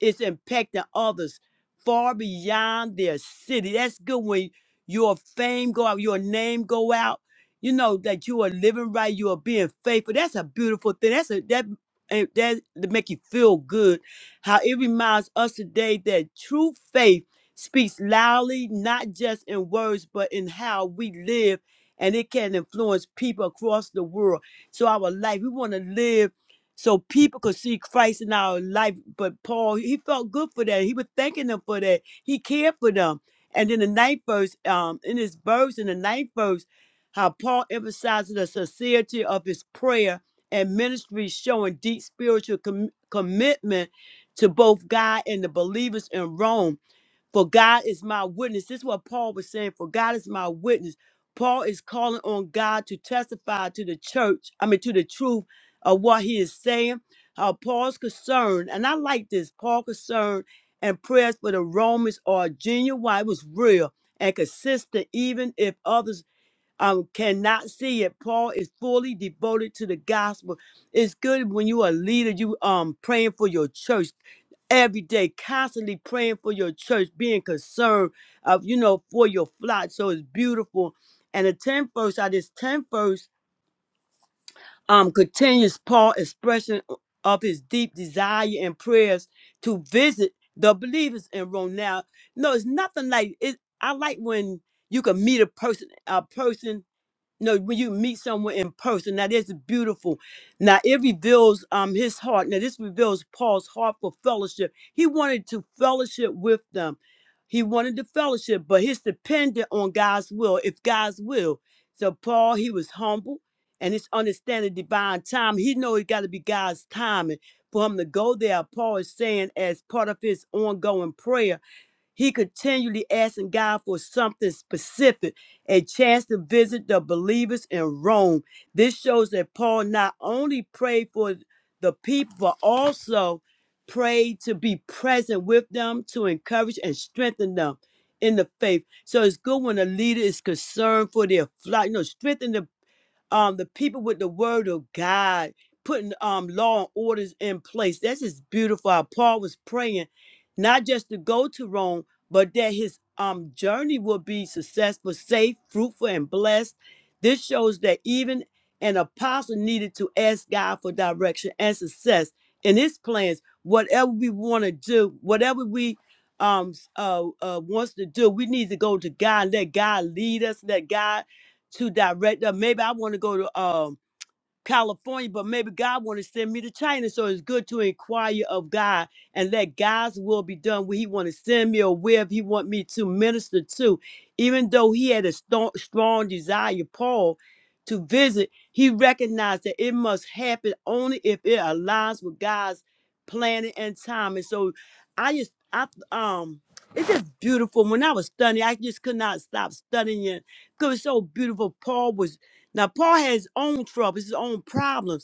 It's impacting others far beyond their city. That's good when your fame go out, your name go out. You know that you are living right, you are being faithful. That's a beautiful thing. That's a that and that to make you feel good. How it reminds us today that true faith speaks loudly, not just in words, but in how we live, and it can influence people across the world. So our life, we want to live so people could see Christ in our life. But Paul, he felt good for that. He was thanking them for that. He cared for them. And in the ninth verse, um, in his verse, in the ninth verse, how Paul emphasizes the sincerity of his prayer and ministry, showing deep spiritual com- commitment to both God and the believers in Rome. For God is my witness. This is what Paul was saying. For God is my witness. Paul is calling on God to testify to the church, I mean, to the truth of what he is saying. Uh, Paul's concern, and I like this Paul's concern and prayers for the Romans are genuine, it was real and consistent, even if others um, cannot see it. Paul is fully devoted to the gospel. It's good when you are a leader, you um praying for your church every day, constantly praying for your church, being concerned of, you know, for your flock. So it's beautiful. And the 10th verse, out of this 10th verse, um, continues Paul expression of his deep desire and prayers to visit the believers in Rome. Now, no, it's nothing like it. I like when you can meet a person, a person no, when you meet someone in person, now that's beautiful. Now it reveals um his heart. Now this reveals Paul's heart for fellowship. He wanted to fellowship with them. He wanted to fellowship, but he's dependent on God's will. If God's will, so Paul he was humble and his understanding divine time. He know it got to be God's timing for him to go there. Paul is saying as part of his ongoing prayer he continually asking God for something specific, a chance to visit the believers in Rome. This shows that Paul not only prayed for the people, but also prayed to be present with them, to encourage and strengthen them in the faith. So it's good when a leader is concerned for their flock, you know, strengthen the um the people with the word of God, putting um law and orders in place. That's just beautiful. How Paul was praying, not just to go to Rome, but that his um journey will be successful, safe, fruitful, and blessed. This shows that even an apostle needed to ask God for direction and success in his plans. Whatever we want to do, whatever we um s- uh, uh wants to do, we need to go to God, let God lead us, let God to direct them. Maybe I want to go to um California, but maybe God want to send me to China. So it's good to inquire of God and let God's will be done where He want to send me or where if He want me to minister to. Even though he had a strong, strong desire, Paul, to visit, he recognized that it must happen only if it aligns with God's planning and time. And so I just, I um, it's just beautiful. When I was studying, I just could not stop studying it because it's so beautiful. Paul was now, Paul had his own troubles, his own problems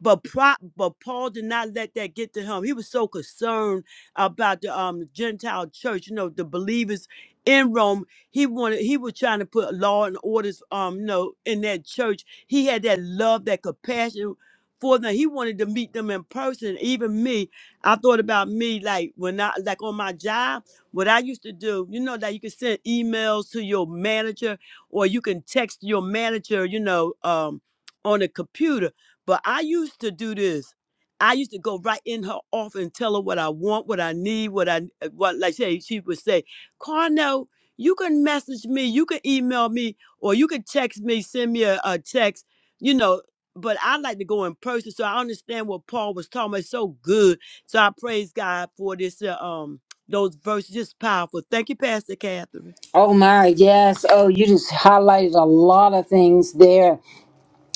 but pro, but Paul did not let that get to him. He was so concerned about the um Gentile church, you know, the believers in Rome. He wanted he was trying to put law and orders um you know in that church. He had that love, that compassion for them. He wanted to meet them in person. Even me, I thought about me like when I like on my job, what I used to do, you know, that you can send emails to your manager or you can text your manager, you know, um on a computer but I used to do this. I used to go right in her office and tell her what I want, what I need, what I uh, what. Like say, she would say, "Carnell, you can message me, you can email me, or you can text me, send me a, a text." You know, but I like to go in person, so I understand what Paul was talking about. It's so good. So I praise God for this. Uh, um, those verses just powerful. Thank you, Pastor Catherine. Oh my, yes. Oh, you just highlighted a lot of things there.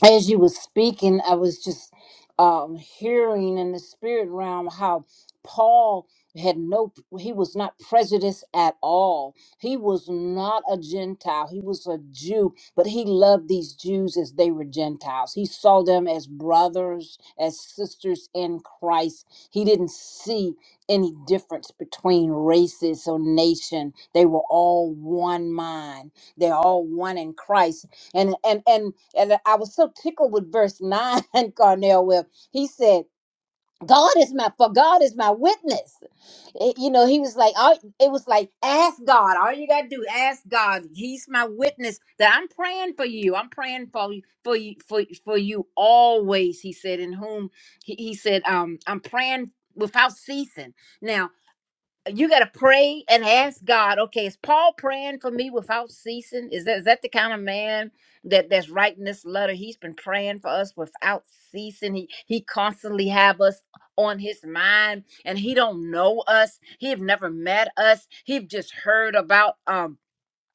As you were speaking, I was just um, hearing in the spirit realm how Paul had no, he was not prejudiced at all. He was not a Gentile. He was a Jew, but he loved these Jews as they were Gentiles. He saw them as brothers, as sisters in Christ. He didn't see any difference between races or nation. They were all one mind. They're all one in Christ. And and and and I was so tickled with verse nine, <laughs> Carnell, where he said, God is my for God is my witness. It- you know, he was like, all, it was like, ask God. All you gotta do, ask God. He's my witness that I'm praying for you. I'm praying for you for you for, for you always, he said, in whom he, he said, um, I'm praying without ceasing. Now." you got to pray and ask God. Okay, is Paul praying for me without ceasing? Is that is that the kind of man that that's writing this letter? He's been praying for us without ceasing. He he constantly have us on his mind, and he don't know us. He have never met us. He've just heard about um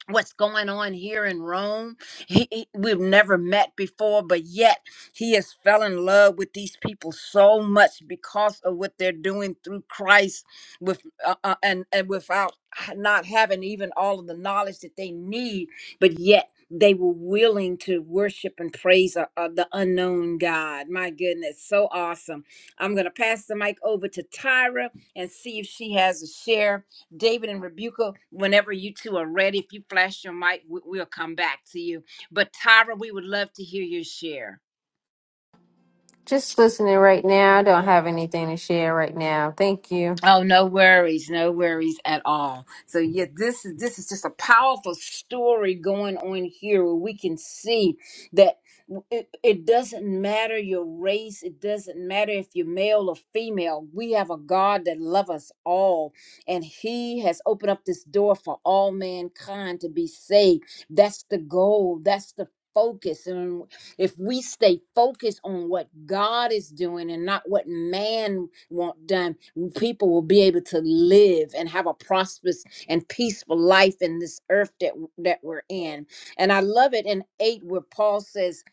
what's going on here in Rome. He, he- we've never met before, but yet he has fell in love with these people so much because of what they're doing through Christ with uh, uh, and and without h- not having even all of the knowledge that they need, but yet they were willing to worship and praise uh, uh, the unknown God. My goodness, so awesome. I'm going to pass the mic over to Tyra and see if she has a share David and Rebuka, whenever you two are ready, if you flash your mic, we- we'll come back to you. But Tyra, we would love to hear your share. Just listening right now. I don't have anything to share right now. Thank you. Oh, no worries, no worries at all. So yeah, this is this is just a powerful story going on here where we can see that it, it doesn't matter your race, it doesn't matter if you're male or female. We have a God that loves us all, and He has opened up this door for all mankind to be saved. That's the goal. That's the focus and if we stay focused on what god is doing and not what man want done people will be able to live and have a prosperous and peaceful life in this earth that that we're in. And I love it in eight where Paul says,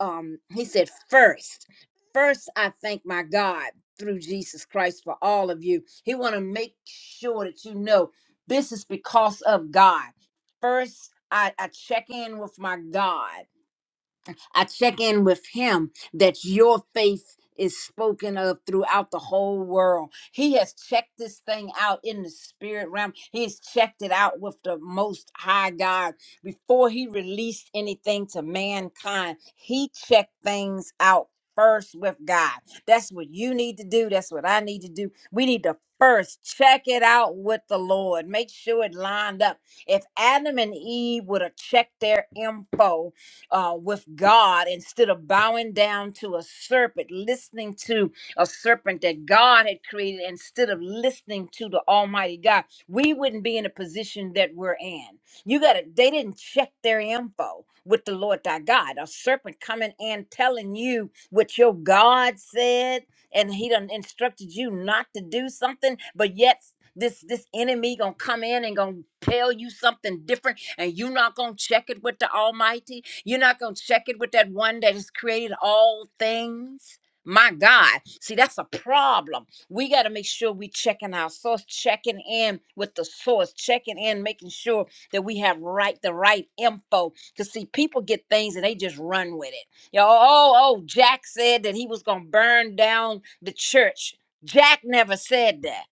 um, he said, first, first I thank my God through Jesus Christ for all of you. He want to make sure that you know this is because of God. First, I, I check in with my God. I check in with him that your faith is spoken of throughout the whole world. He has checked this thing out in the spirit realm. He's checked it out with the most high God before he released anything to mankind. He checked things out first with God. That's what you need to do. That's what I need to do. We need to first check it out with the Lord. Make sure it lined up. If Adam and Eve would have checked their info uh, with God instead of bowing down to a serpent, listening to a serpent that God had created instead of listening to the Almighty God, we wouldn't be in the position that we're in. You got to, they didn't check their info with the Lord thy God. A serpent coming in telling you what your God said, and he done instructed you not to do something, but yet this this enemy gonna come in and gonna tell you something different and you not gonna check it with the almighty you're not going to check it with that one that has created all things. My God. See, that's a problem. We got to make sure we checking our source, checking in with the source, checking in, making sure that we have right the right info. Because see, people get things and they just run with it. Yo, oh, oh, Jack said that he was gonna burn down the church. Jack never said that.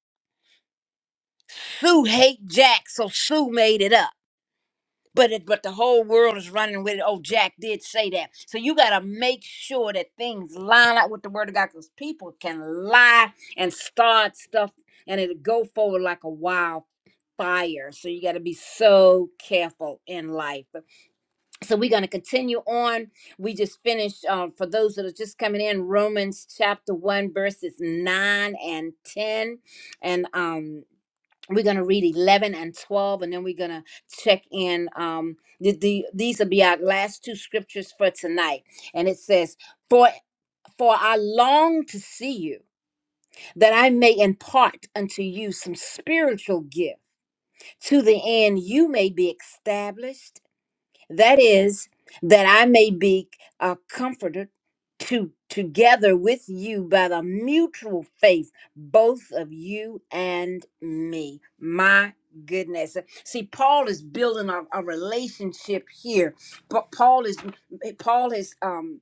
Sue hate Jack, so Sue made it up but it, but the whole world is running with it. Oh, Jack did say that. So you got to make sure that things line up with the word of God because people can lie and start stuff and it'll go forward like a wild fire. So you got to be so careful in life. So we're going to continue on. We just finished, um, for those that are just coming in, Romans chapter 1, verses 9 and 10. And, um, we're going to read 11 and 12 and then we're going to check in um the, the these will be our last two scriptures for tonight and it says for for i long to see you that i may impart unto you some spiritual gift to the end you may be established that is, that I may be uh, comforted to together with you by the mutual faith, both of you and me. My goodness. See, Paul is building a, a relationship here. But Paul is Paul is um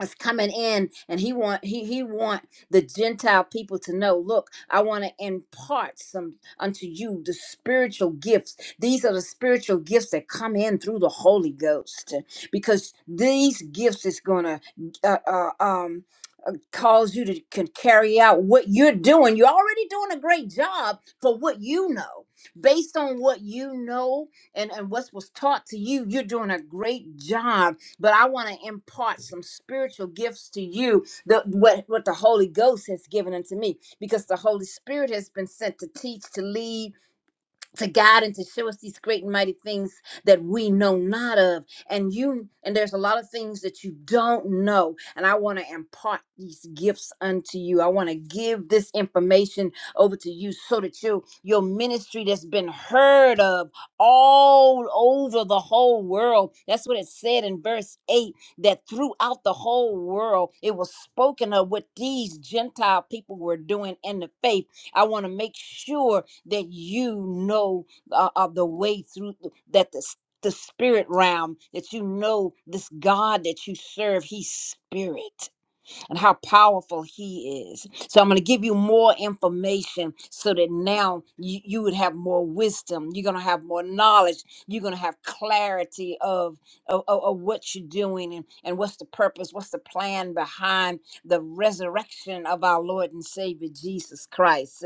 is coming in and he want he he want the gentile people to know look i want to impart some unto you the spiritual gifts these are the spiritual gifts that come in through the holy ghost because these gifts is gonna uh, uh, um uh, cause you to can carry out what you're doing you're already doing a great job for what you know based on what you know and and what was taught to you you're doing a great job but I want to impart some spiritual gifts to you, the, what, what the Holy Ghost has given unto me, because the Holy Spirit has been sent to teach, to lead, to God and to show us these great and mighty things that we know not of. And you and there's a lot of things that you don't know. And I want to impart these gifts unto you. I want to give this information over to you so that you your ministry that's been heard of all over the whole world. That's what it said in verse 8 that throughout the whole world it was spoken of what these Gentile people were doing in the faith I want to make sure that you know uh, of the way through th- that the s- the spirit realm that you know this God that you serve, He's spirit and how powerful He is. So I'm going to give you more information so that now you, you would have more wisdom. You're going to have more knowledge. You're going to have clarity of, of, of of what you're doing and, and what's the purpose, what's the plan behind the resurrection of our Lord and Savior Jesus Christ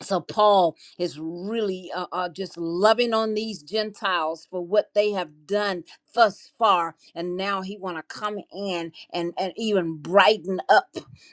so paul is really uh, uh, just loving on these gentiles for what they have done thus far and now he want to come in and, and even brighten up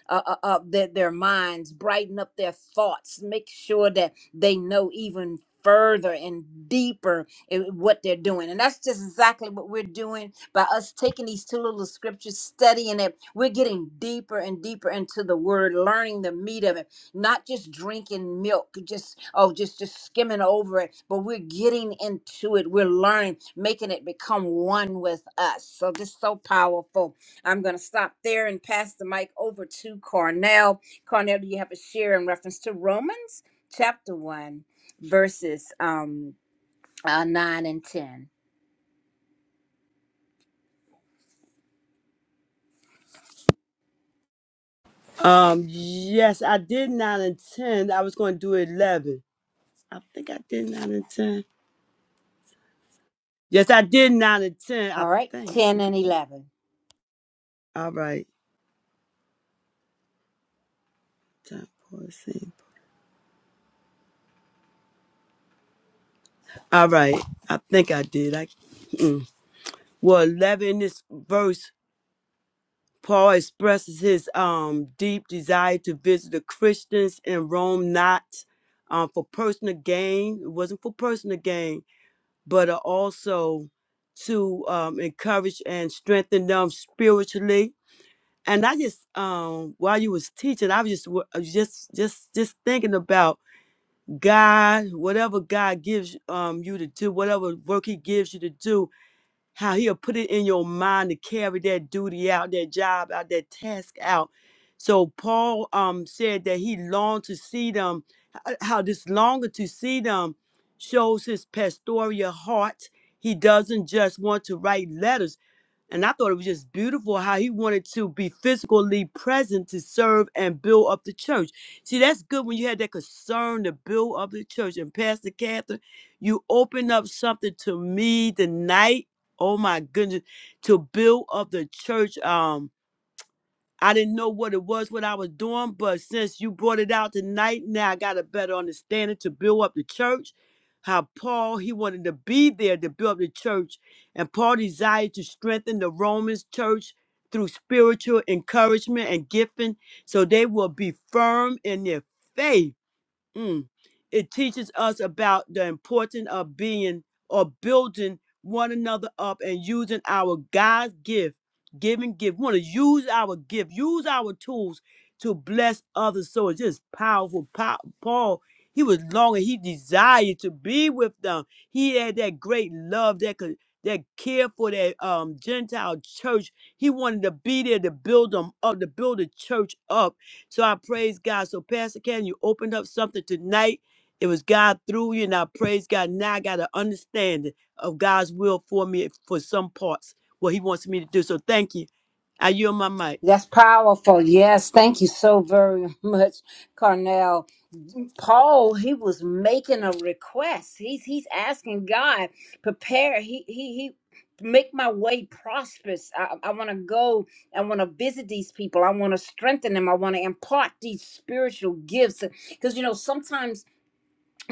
uh, uh, uh, their, their minds brighten up their thoughts make sure that they know even further and deeper in what they're doing and that's just exactly what we're doing by us taking these two little scriptures studying it we're getting deeper and deeper into the word learning the meat of it not just drinking milk just oh just just skimming over it but we're getting into it we're learning making it become one with us so this is so powerful i'm going to stop there and pass the mic over to cornell cornell do you have a share in reference to romans chapter 1 verses um uh, 9 and 10 Um, yes, I did nine and ten. I was going to do eleven. I think I did nine and ten. Yes, I did nine and ten. I all right think 10 we could. and Do... 11 All right. Time for a scene. All right. I think I did. I mm. well, eleven in this verse. Paul expresses his um deep desire to visit the Christians in Rome, not um for personal gain. It wasn't for personal gain but are also to um, encourage and strengthen them spiritually. And I just, um, while you was teaching, I was just, wa- I was just, just, just thinking about God, whatever God gives um, you to do, whatever work He gives you to do, how he'll put it in your mind to carry that duty out, that job out, that task out. So Paul um said that he longed to see them, h- uh, how this longer to see them shows his pastoral heart. He doesn't just want to write letters. And I thought it was just beautiful how he wanted to be physically present to serve and build up the church. See, that's good when you had that concern to build up the church. And Pastor Catherine, you opened up something to me tonight. Oh my goodness, to build up the church. Um, I didn't know what it was, what I was doing, but since you brought it out tonight, now I got a better understanding to build up the church. How Paul he wanted to be there to build up the church, and Paul desired to strengthen the Romans church through spiritual encouragement and gifting, so they will be firm in their faith Mm. It teaches us about the importance of being or building one another up and using our God's gift, giving gift. We want to use our gift, use our tools to bless others. So it's just powerful. Pa- Paul, he was longing, he desired to be with them. He had that great love that could that care for that um Gentile church. He wanted to be there to build them up, to build the church up so I praise God. So Pastor Ken, you opened up something tonight. It was God through you, and I praise God. Now I got an understanding of God's will for me for some parts, what He wants me to do. So thank you. I yield my mic. That's powerful. Yes, thank you so very <laughs> much, Carnell. Paul, he was making a request. He's he's asking God, prepare. He he he make my way prosperous. I, I want to go. I want to visit these people. I want to strengthen them. I want to impart these spiritual gifts. Because you know, sometimes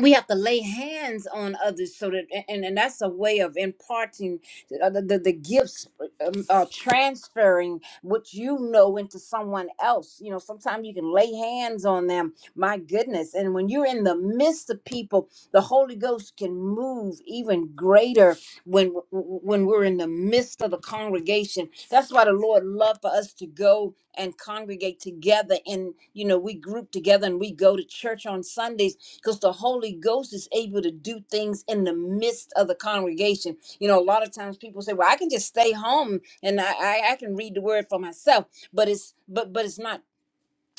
we have to lay hands on others so that and, and that's a way of imparting uh, the, the, the gifts um, uh, transferring what you know into someone else you know sometimes you can lay hands on them my goodness and when you're in the midst of people the holy ghost can move even greater when when we're in the midst of the congregation that's why the lord loved for us to go and congregate together and you know we group together and we go to church on sundays because the Holy Ghost is able to do things in the midst of the congregation. You know, a lot of times people say, "Well, I can just stay home and I I, I can read the Word for myself," but it's but but it's not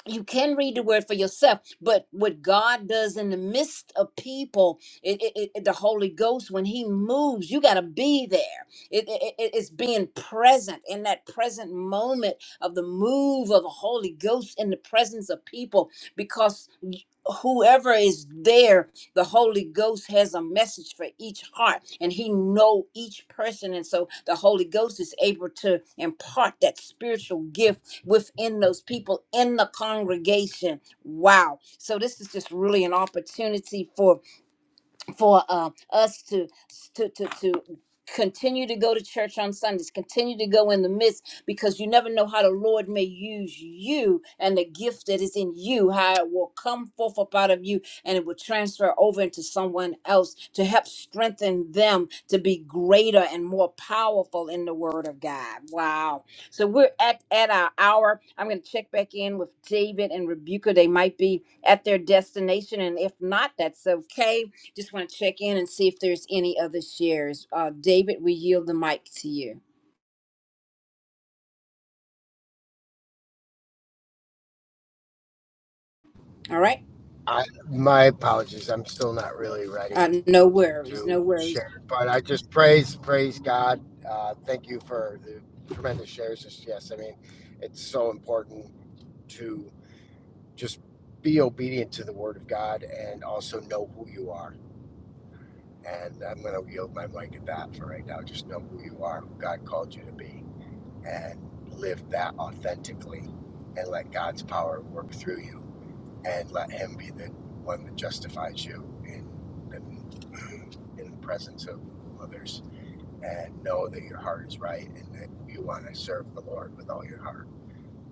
you can read the word for yourself but what god does in the midst of people it, it- it- the holy ghost when he moves you got to be there it, it- it- it's being present in that present moment of the move of the holy ghost in the presence of people because whoever is there the holy ghost has a message for each heart and he know each person and so the holy ghost is able to impart that spiritual gift within those people in the congregation. Wow. So this is just really an opportunity for for uh, us to, to to to continue to go to church on Sundays, continue to go in the midst, because you never know how the Lord may use you and the gift that is in you, how it will come forth up out of you and it will transfer over into someone else to help strengthen them to be greater and more powerful in the word of God. Wow. So we're at, at our hour. I'm going to check back in with David and Rebuka. They might be at their destination. And if not, that's okay just want to check in and see if there's any other shares. Uh, David, we yield the mic to you. All right. I my apologies. I'm still not really ready Uh, no worries. No to worries. share, but I just praise praise God. Uh, thank you for the tremendous shares. Just yes, I mean, it's so important to. just be obedient to the word of God and also know who you are. And I'm going to yield my mic at that for right now. Just know who you are, who God called you to be, and live that authentically and let God's power work through you and let Him be the one that justifies you in the, <clears throat> in the presence of others. And know that your heart is right and that you want to serve the Lord with all your heart.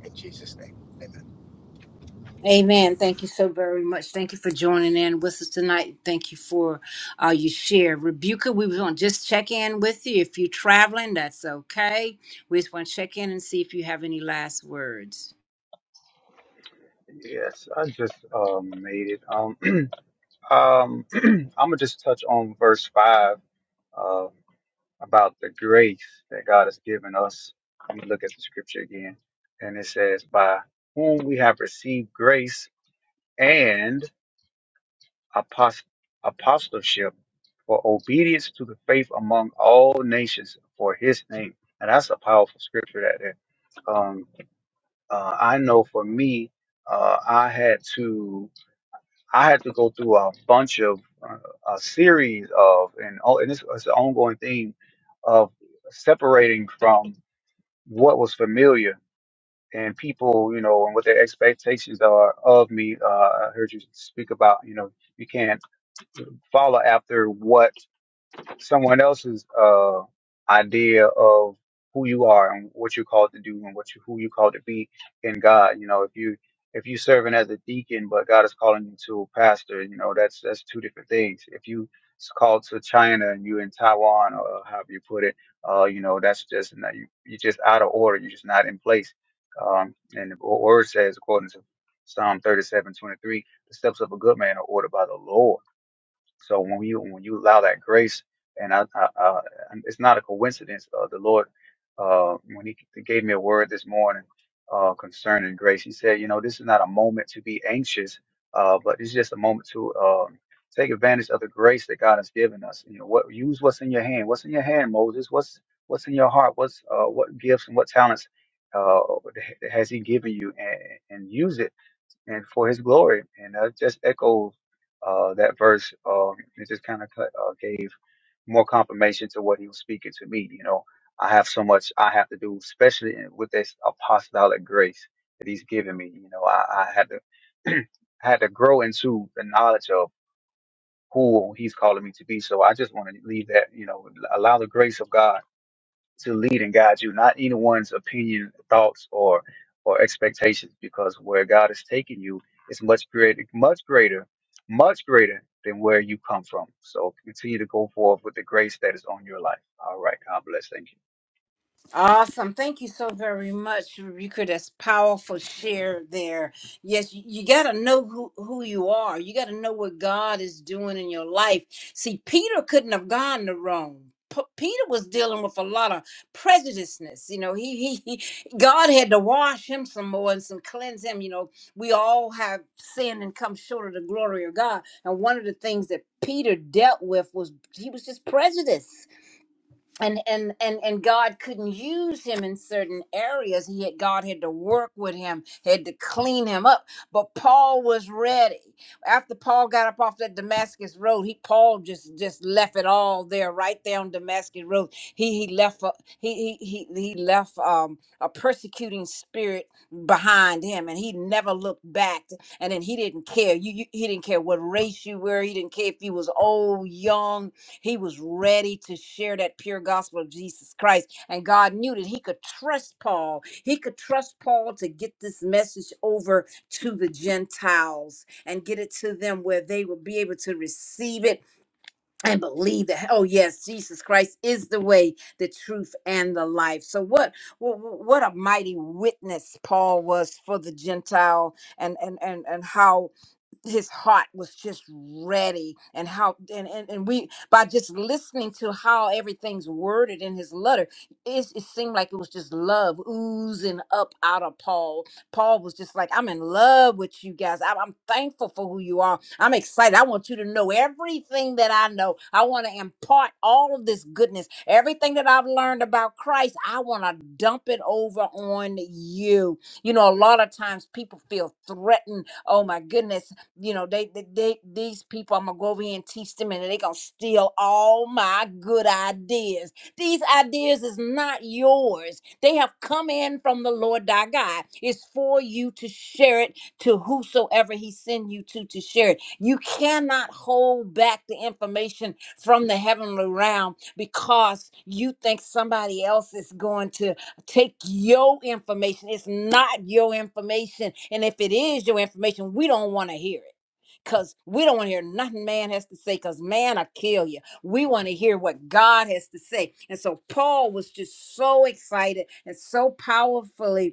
In Jesus' name, amen. Amen. Thank you so very much. Thank you for joining in with us tonight. Thank you for uh, your share. Rebuka, we was going to just check in with you. If you're traveling, that's okay. We just want to check in and see if you have any last words. Yes, I just um made it. Um, <clears throat> um, <clears throat> I'm gonna just touch on verse five. Um, about the grace that God has given us. Let me look at the scripture again, and it says, "By whom we have received grace." and apost apostleship for obedience to the faith among all nations for his name. And that's a powerful scripture that there. Um, uh, I know for me, uh, I had to I had to go through a bunch of uh, a series of and oh, and it's, it's an ongoing thing of separating from what was familiar and people, you know, and what their expectations are of me. Uh, I heard you speak about, you know, you can't follow after what someone else's uh, idea of who you are and what you're called to do and what you, who you called to be in God. You know, if you if you serving as a deacon, but God is calling you to a pastor, you know that's that's two different things. If you s- called to China and you're in Taiwan or however you put it, uh, you know that's just not, you you're just out of order. You're just not in place. Um, and the word says according to Psalm 37:23, the steps of a good man are ordered by the Lord. So when you when you allow that grace, and I, I, I it's not a coincidence. Uh, the Lord, uh, when He gave me a word this morning uh, concerning grace, He said, you know, this is not a moment to be anxious, uh, but it's just a moment to um take advantage of the grace that God has given us. You know, what use what's in your hand. What's in your hand, Moses? What's what's in your heart? What's uh, what gifts and what talents uh, has He given you, and, and use it and for his glory. And I just echo uh, that verse. Um, it just kind of uh, gave more confirmation to what he was speaking to me. You know, I have so much I have to do, especially in- with this apostolic grace that he's given me. You know, I, I had to <clears throat> I had to grow into the knowledge of who he's calling me to be. So I just want to leave that, you know, allow the grace of God to lead and guide you, not anyone's opinion, thoughts, or or expectations, because where God is taking you is much greater, much greater, much greater than where you come from. So continue to go forward with the grace that is on your life. All right, God bless. Thank you. Awesome. Thank you so very much, Rika. That's powerful share there. Yes, you, you got to know who, who you are. You got to know what God is doing in your life. See, Peter couldn't have gone the wrong. P- Peter was dealing with a lot of prejudiceness. You know, he, he, he God had to wash him some more and some cleanse him. You know, we all have sinned and come short of the glory of God. And one of the things that Peter dealt with was he was just prejudice and and and and God couldn't use him in certain areas. He had God had to work with him, had to clean him up. But Paul was ready. After Paul got up off that Damascus road, he Paul just just left it all there, right there on Damascus road. He he left a, he he he he left um a persecuting spirit behind him, and he never looked back. And then he didn't care. You, you he didn't care what race you were. He didn't care if you was old, young he was ready to share that pure gospel of Jesus Christ. And God knew that he could trust Paul. He could trust Paul to get this message over to the Gentiles and get it to them where they will be able to receive it and believe that, oh, yes, Jesus Christ is the way, the truth, and the life. So, what, what, what a mighty witness Paul was for the Gentile and, and, and, and how his heart was just ready and how and, and and we by just listening to how everything's worded in his letter it, it seemed like it was just love oozing up out of paul paul was just like i'm in love with you guys i'm, I'm thankful for who you are i'm excited i want you to know everything that i know i want to impart all of this goodness everything that i've learned about christ i want to dump it over on you you know a lot of times people feel threatened oh my goodness you know they, they they these people i'm gonna go over here and teach them and they gonna steal all my good ideas these ideas is not yours they have come in from the lord thy god it's for you to share it to whosoever he send you to to share it you cannot hold back the information from the heavenly realm because you think somebody else is going to take your information. It's not your information. And if it is your information, we don't want to hear it. Because we don't want to hear nothing man has to say, because man will kill you. We want to hear what God has to say. And so Paul was just so excited and so powerfully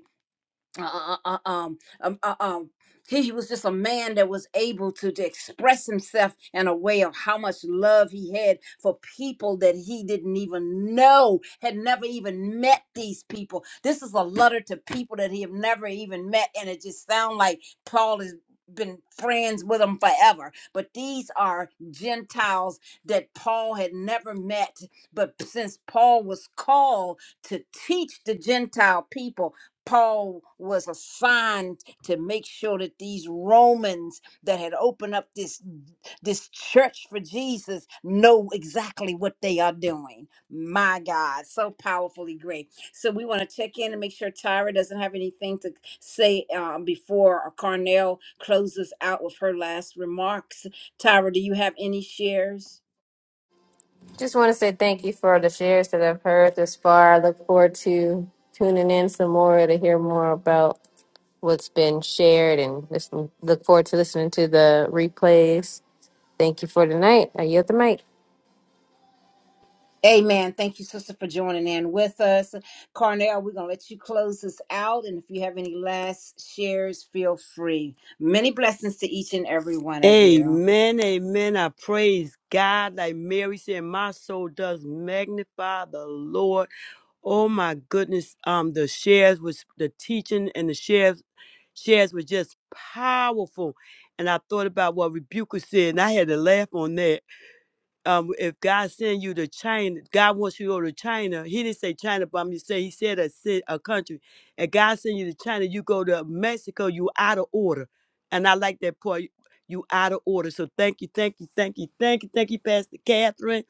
uh, uh, uh, um, um, uh, um, he he was just a man that was able to, to express himself in a way of how much love he had for people that he didn't even know, had never even met these people. This is a letter to people that he have never even met, and it just sounds like Paul has been friends with them forever. But these are Gentiles that Paul had never met. But since Paul was called to teach the Gentile people, Paul was assigned to make sure that these Romans that had opened up this this church for Jesus know exactly what they are doing. My God, so powerfully great. So we want to check in and make sure Tyra doesn't have anything to say um, before Carnell closes out with her last remarks. Tyra, do you have any shares? Just want to say thank you for the shares that I've heard this far. I look forward to tuning in some more to hear more about what's been shared and listen, look forward to listening to the replays. Thank you for tonight. I yield the mic. Amen. Thank you, sister, for joining in with us. Carnell, we're going to let you close this out. And if you have any last shares, feel free. Many blessings to each and every one of you. Amen, amen. I praise God. Like Mary said, my soul does magnify the Lord. Oh my goodness. Um, the shares was the teaching and the shares shares were just powerful. And I thought about what Rebuker said, and I had to laugh on that. um, if God send you to China, God wants you to go to China. He didn't say China, but I'm just saying he said a ci- a country. And God send you to China, you go to Mexico, you out of order. And I like that part. You you out of order. So thank you, thank you, thank you, thank you, thank you, Pastor Catherine,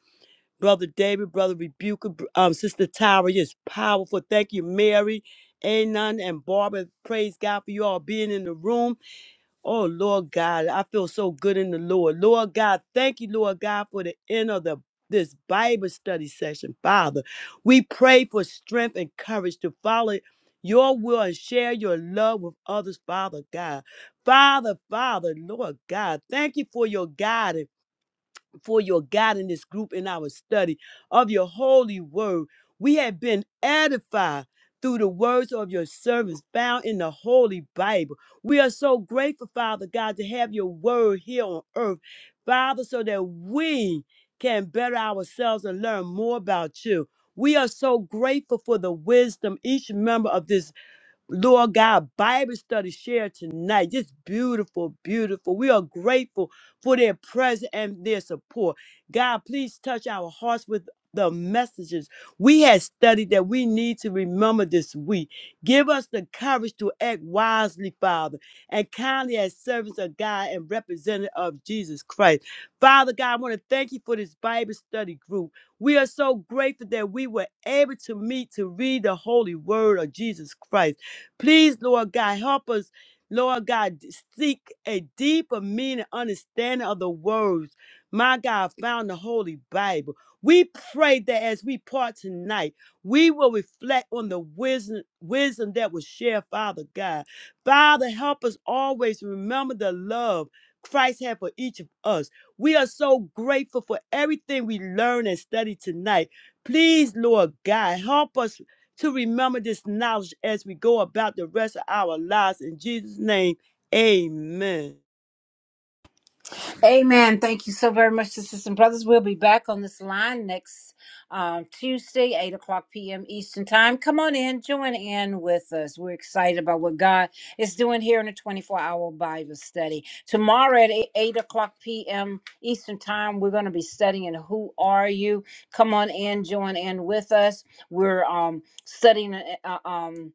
Brother David, Brother Rebuker, br- um, Sister Tyra. Yes, powerful. Thank you, Mary, Anon, and Barbara. Praise God for you all being in the room. Oh, Lord God, I feel so good in the Lord. Lord God, thank you, Lord God, for the end of the this Bible study session, Father. We pray for strength and courage to follow your will and share your love with others, Father God. Father, Father, Lord God, thank you for your guidance for your guidance group in our study of your holy word. We have been edified through the words of your servants found in the Holy Bible. We are so grateful, Father God, to have your word here on earth, Father, so that we can better ourselves and learn more about you. We are so grateful for the wisdom each member of this Lord God, Bible study share tonight. Just beautiful, beautiful. We are grateful for their presence and their support. God, please touch our hearts with the messages we have studied that we need to remember this week. Give us the courage to act wisely, Father, and kindly as servants of God and representative of Jesus Christ. Father God, I want to thank you for this Bible study group. We are so grateful that we were able to meet to read the holy word of Jesus Christ. Please, Lord God, help us, Lord God, seek a deeper meaning, understanding of the words, my God, found in the Holy Bible. We pray that as we part tonight, we will reflect on the wisdom, wisdom that was shared, Father God. Father, help us always remember the love Christ had for each of us. We are so grateful for everything we learn and study tonight. Please, Lord God, help us to remember this knowledge as we go about the rest of our lives. In Jesus' name, amen. Amen. Thank you so very much, sisters and brothers. We'll be back on this line next um, Tuesday, 8 o'clock p.m. Eastern Time. Come on in, join in with us. We're excited about what God is doing here in the 24 hour Bible study. Tomorrow at 8, 8 o'clock p.m. Eastern Time, we're going to be studying Who Are You? Come on in, join in with us. We're um, studying. Uh, uh, um,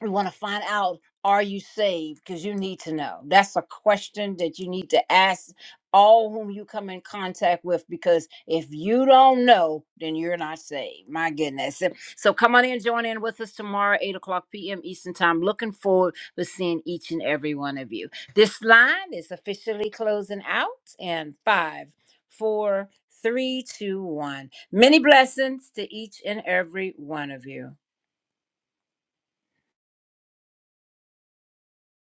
we want to find out are you saved because you need to know that's a question that you need to ask all whom you come in contact with because if you don't know then you're not saved my goodness so so come on in join in with us tomorrow 8 o'clock p.m eastern time looking forward to seeing each and every one of you this line is officially closing out and five four three two one many blessings to each and every one of you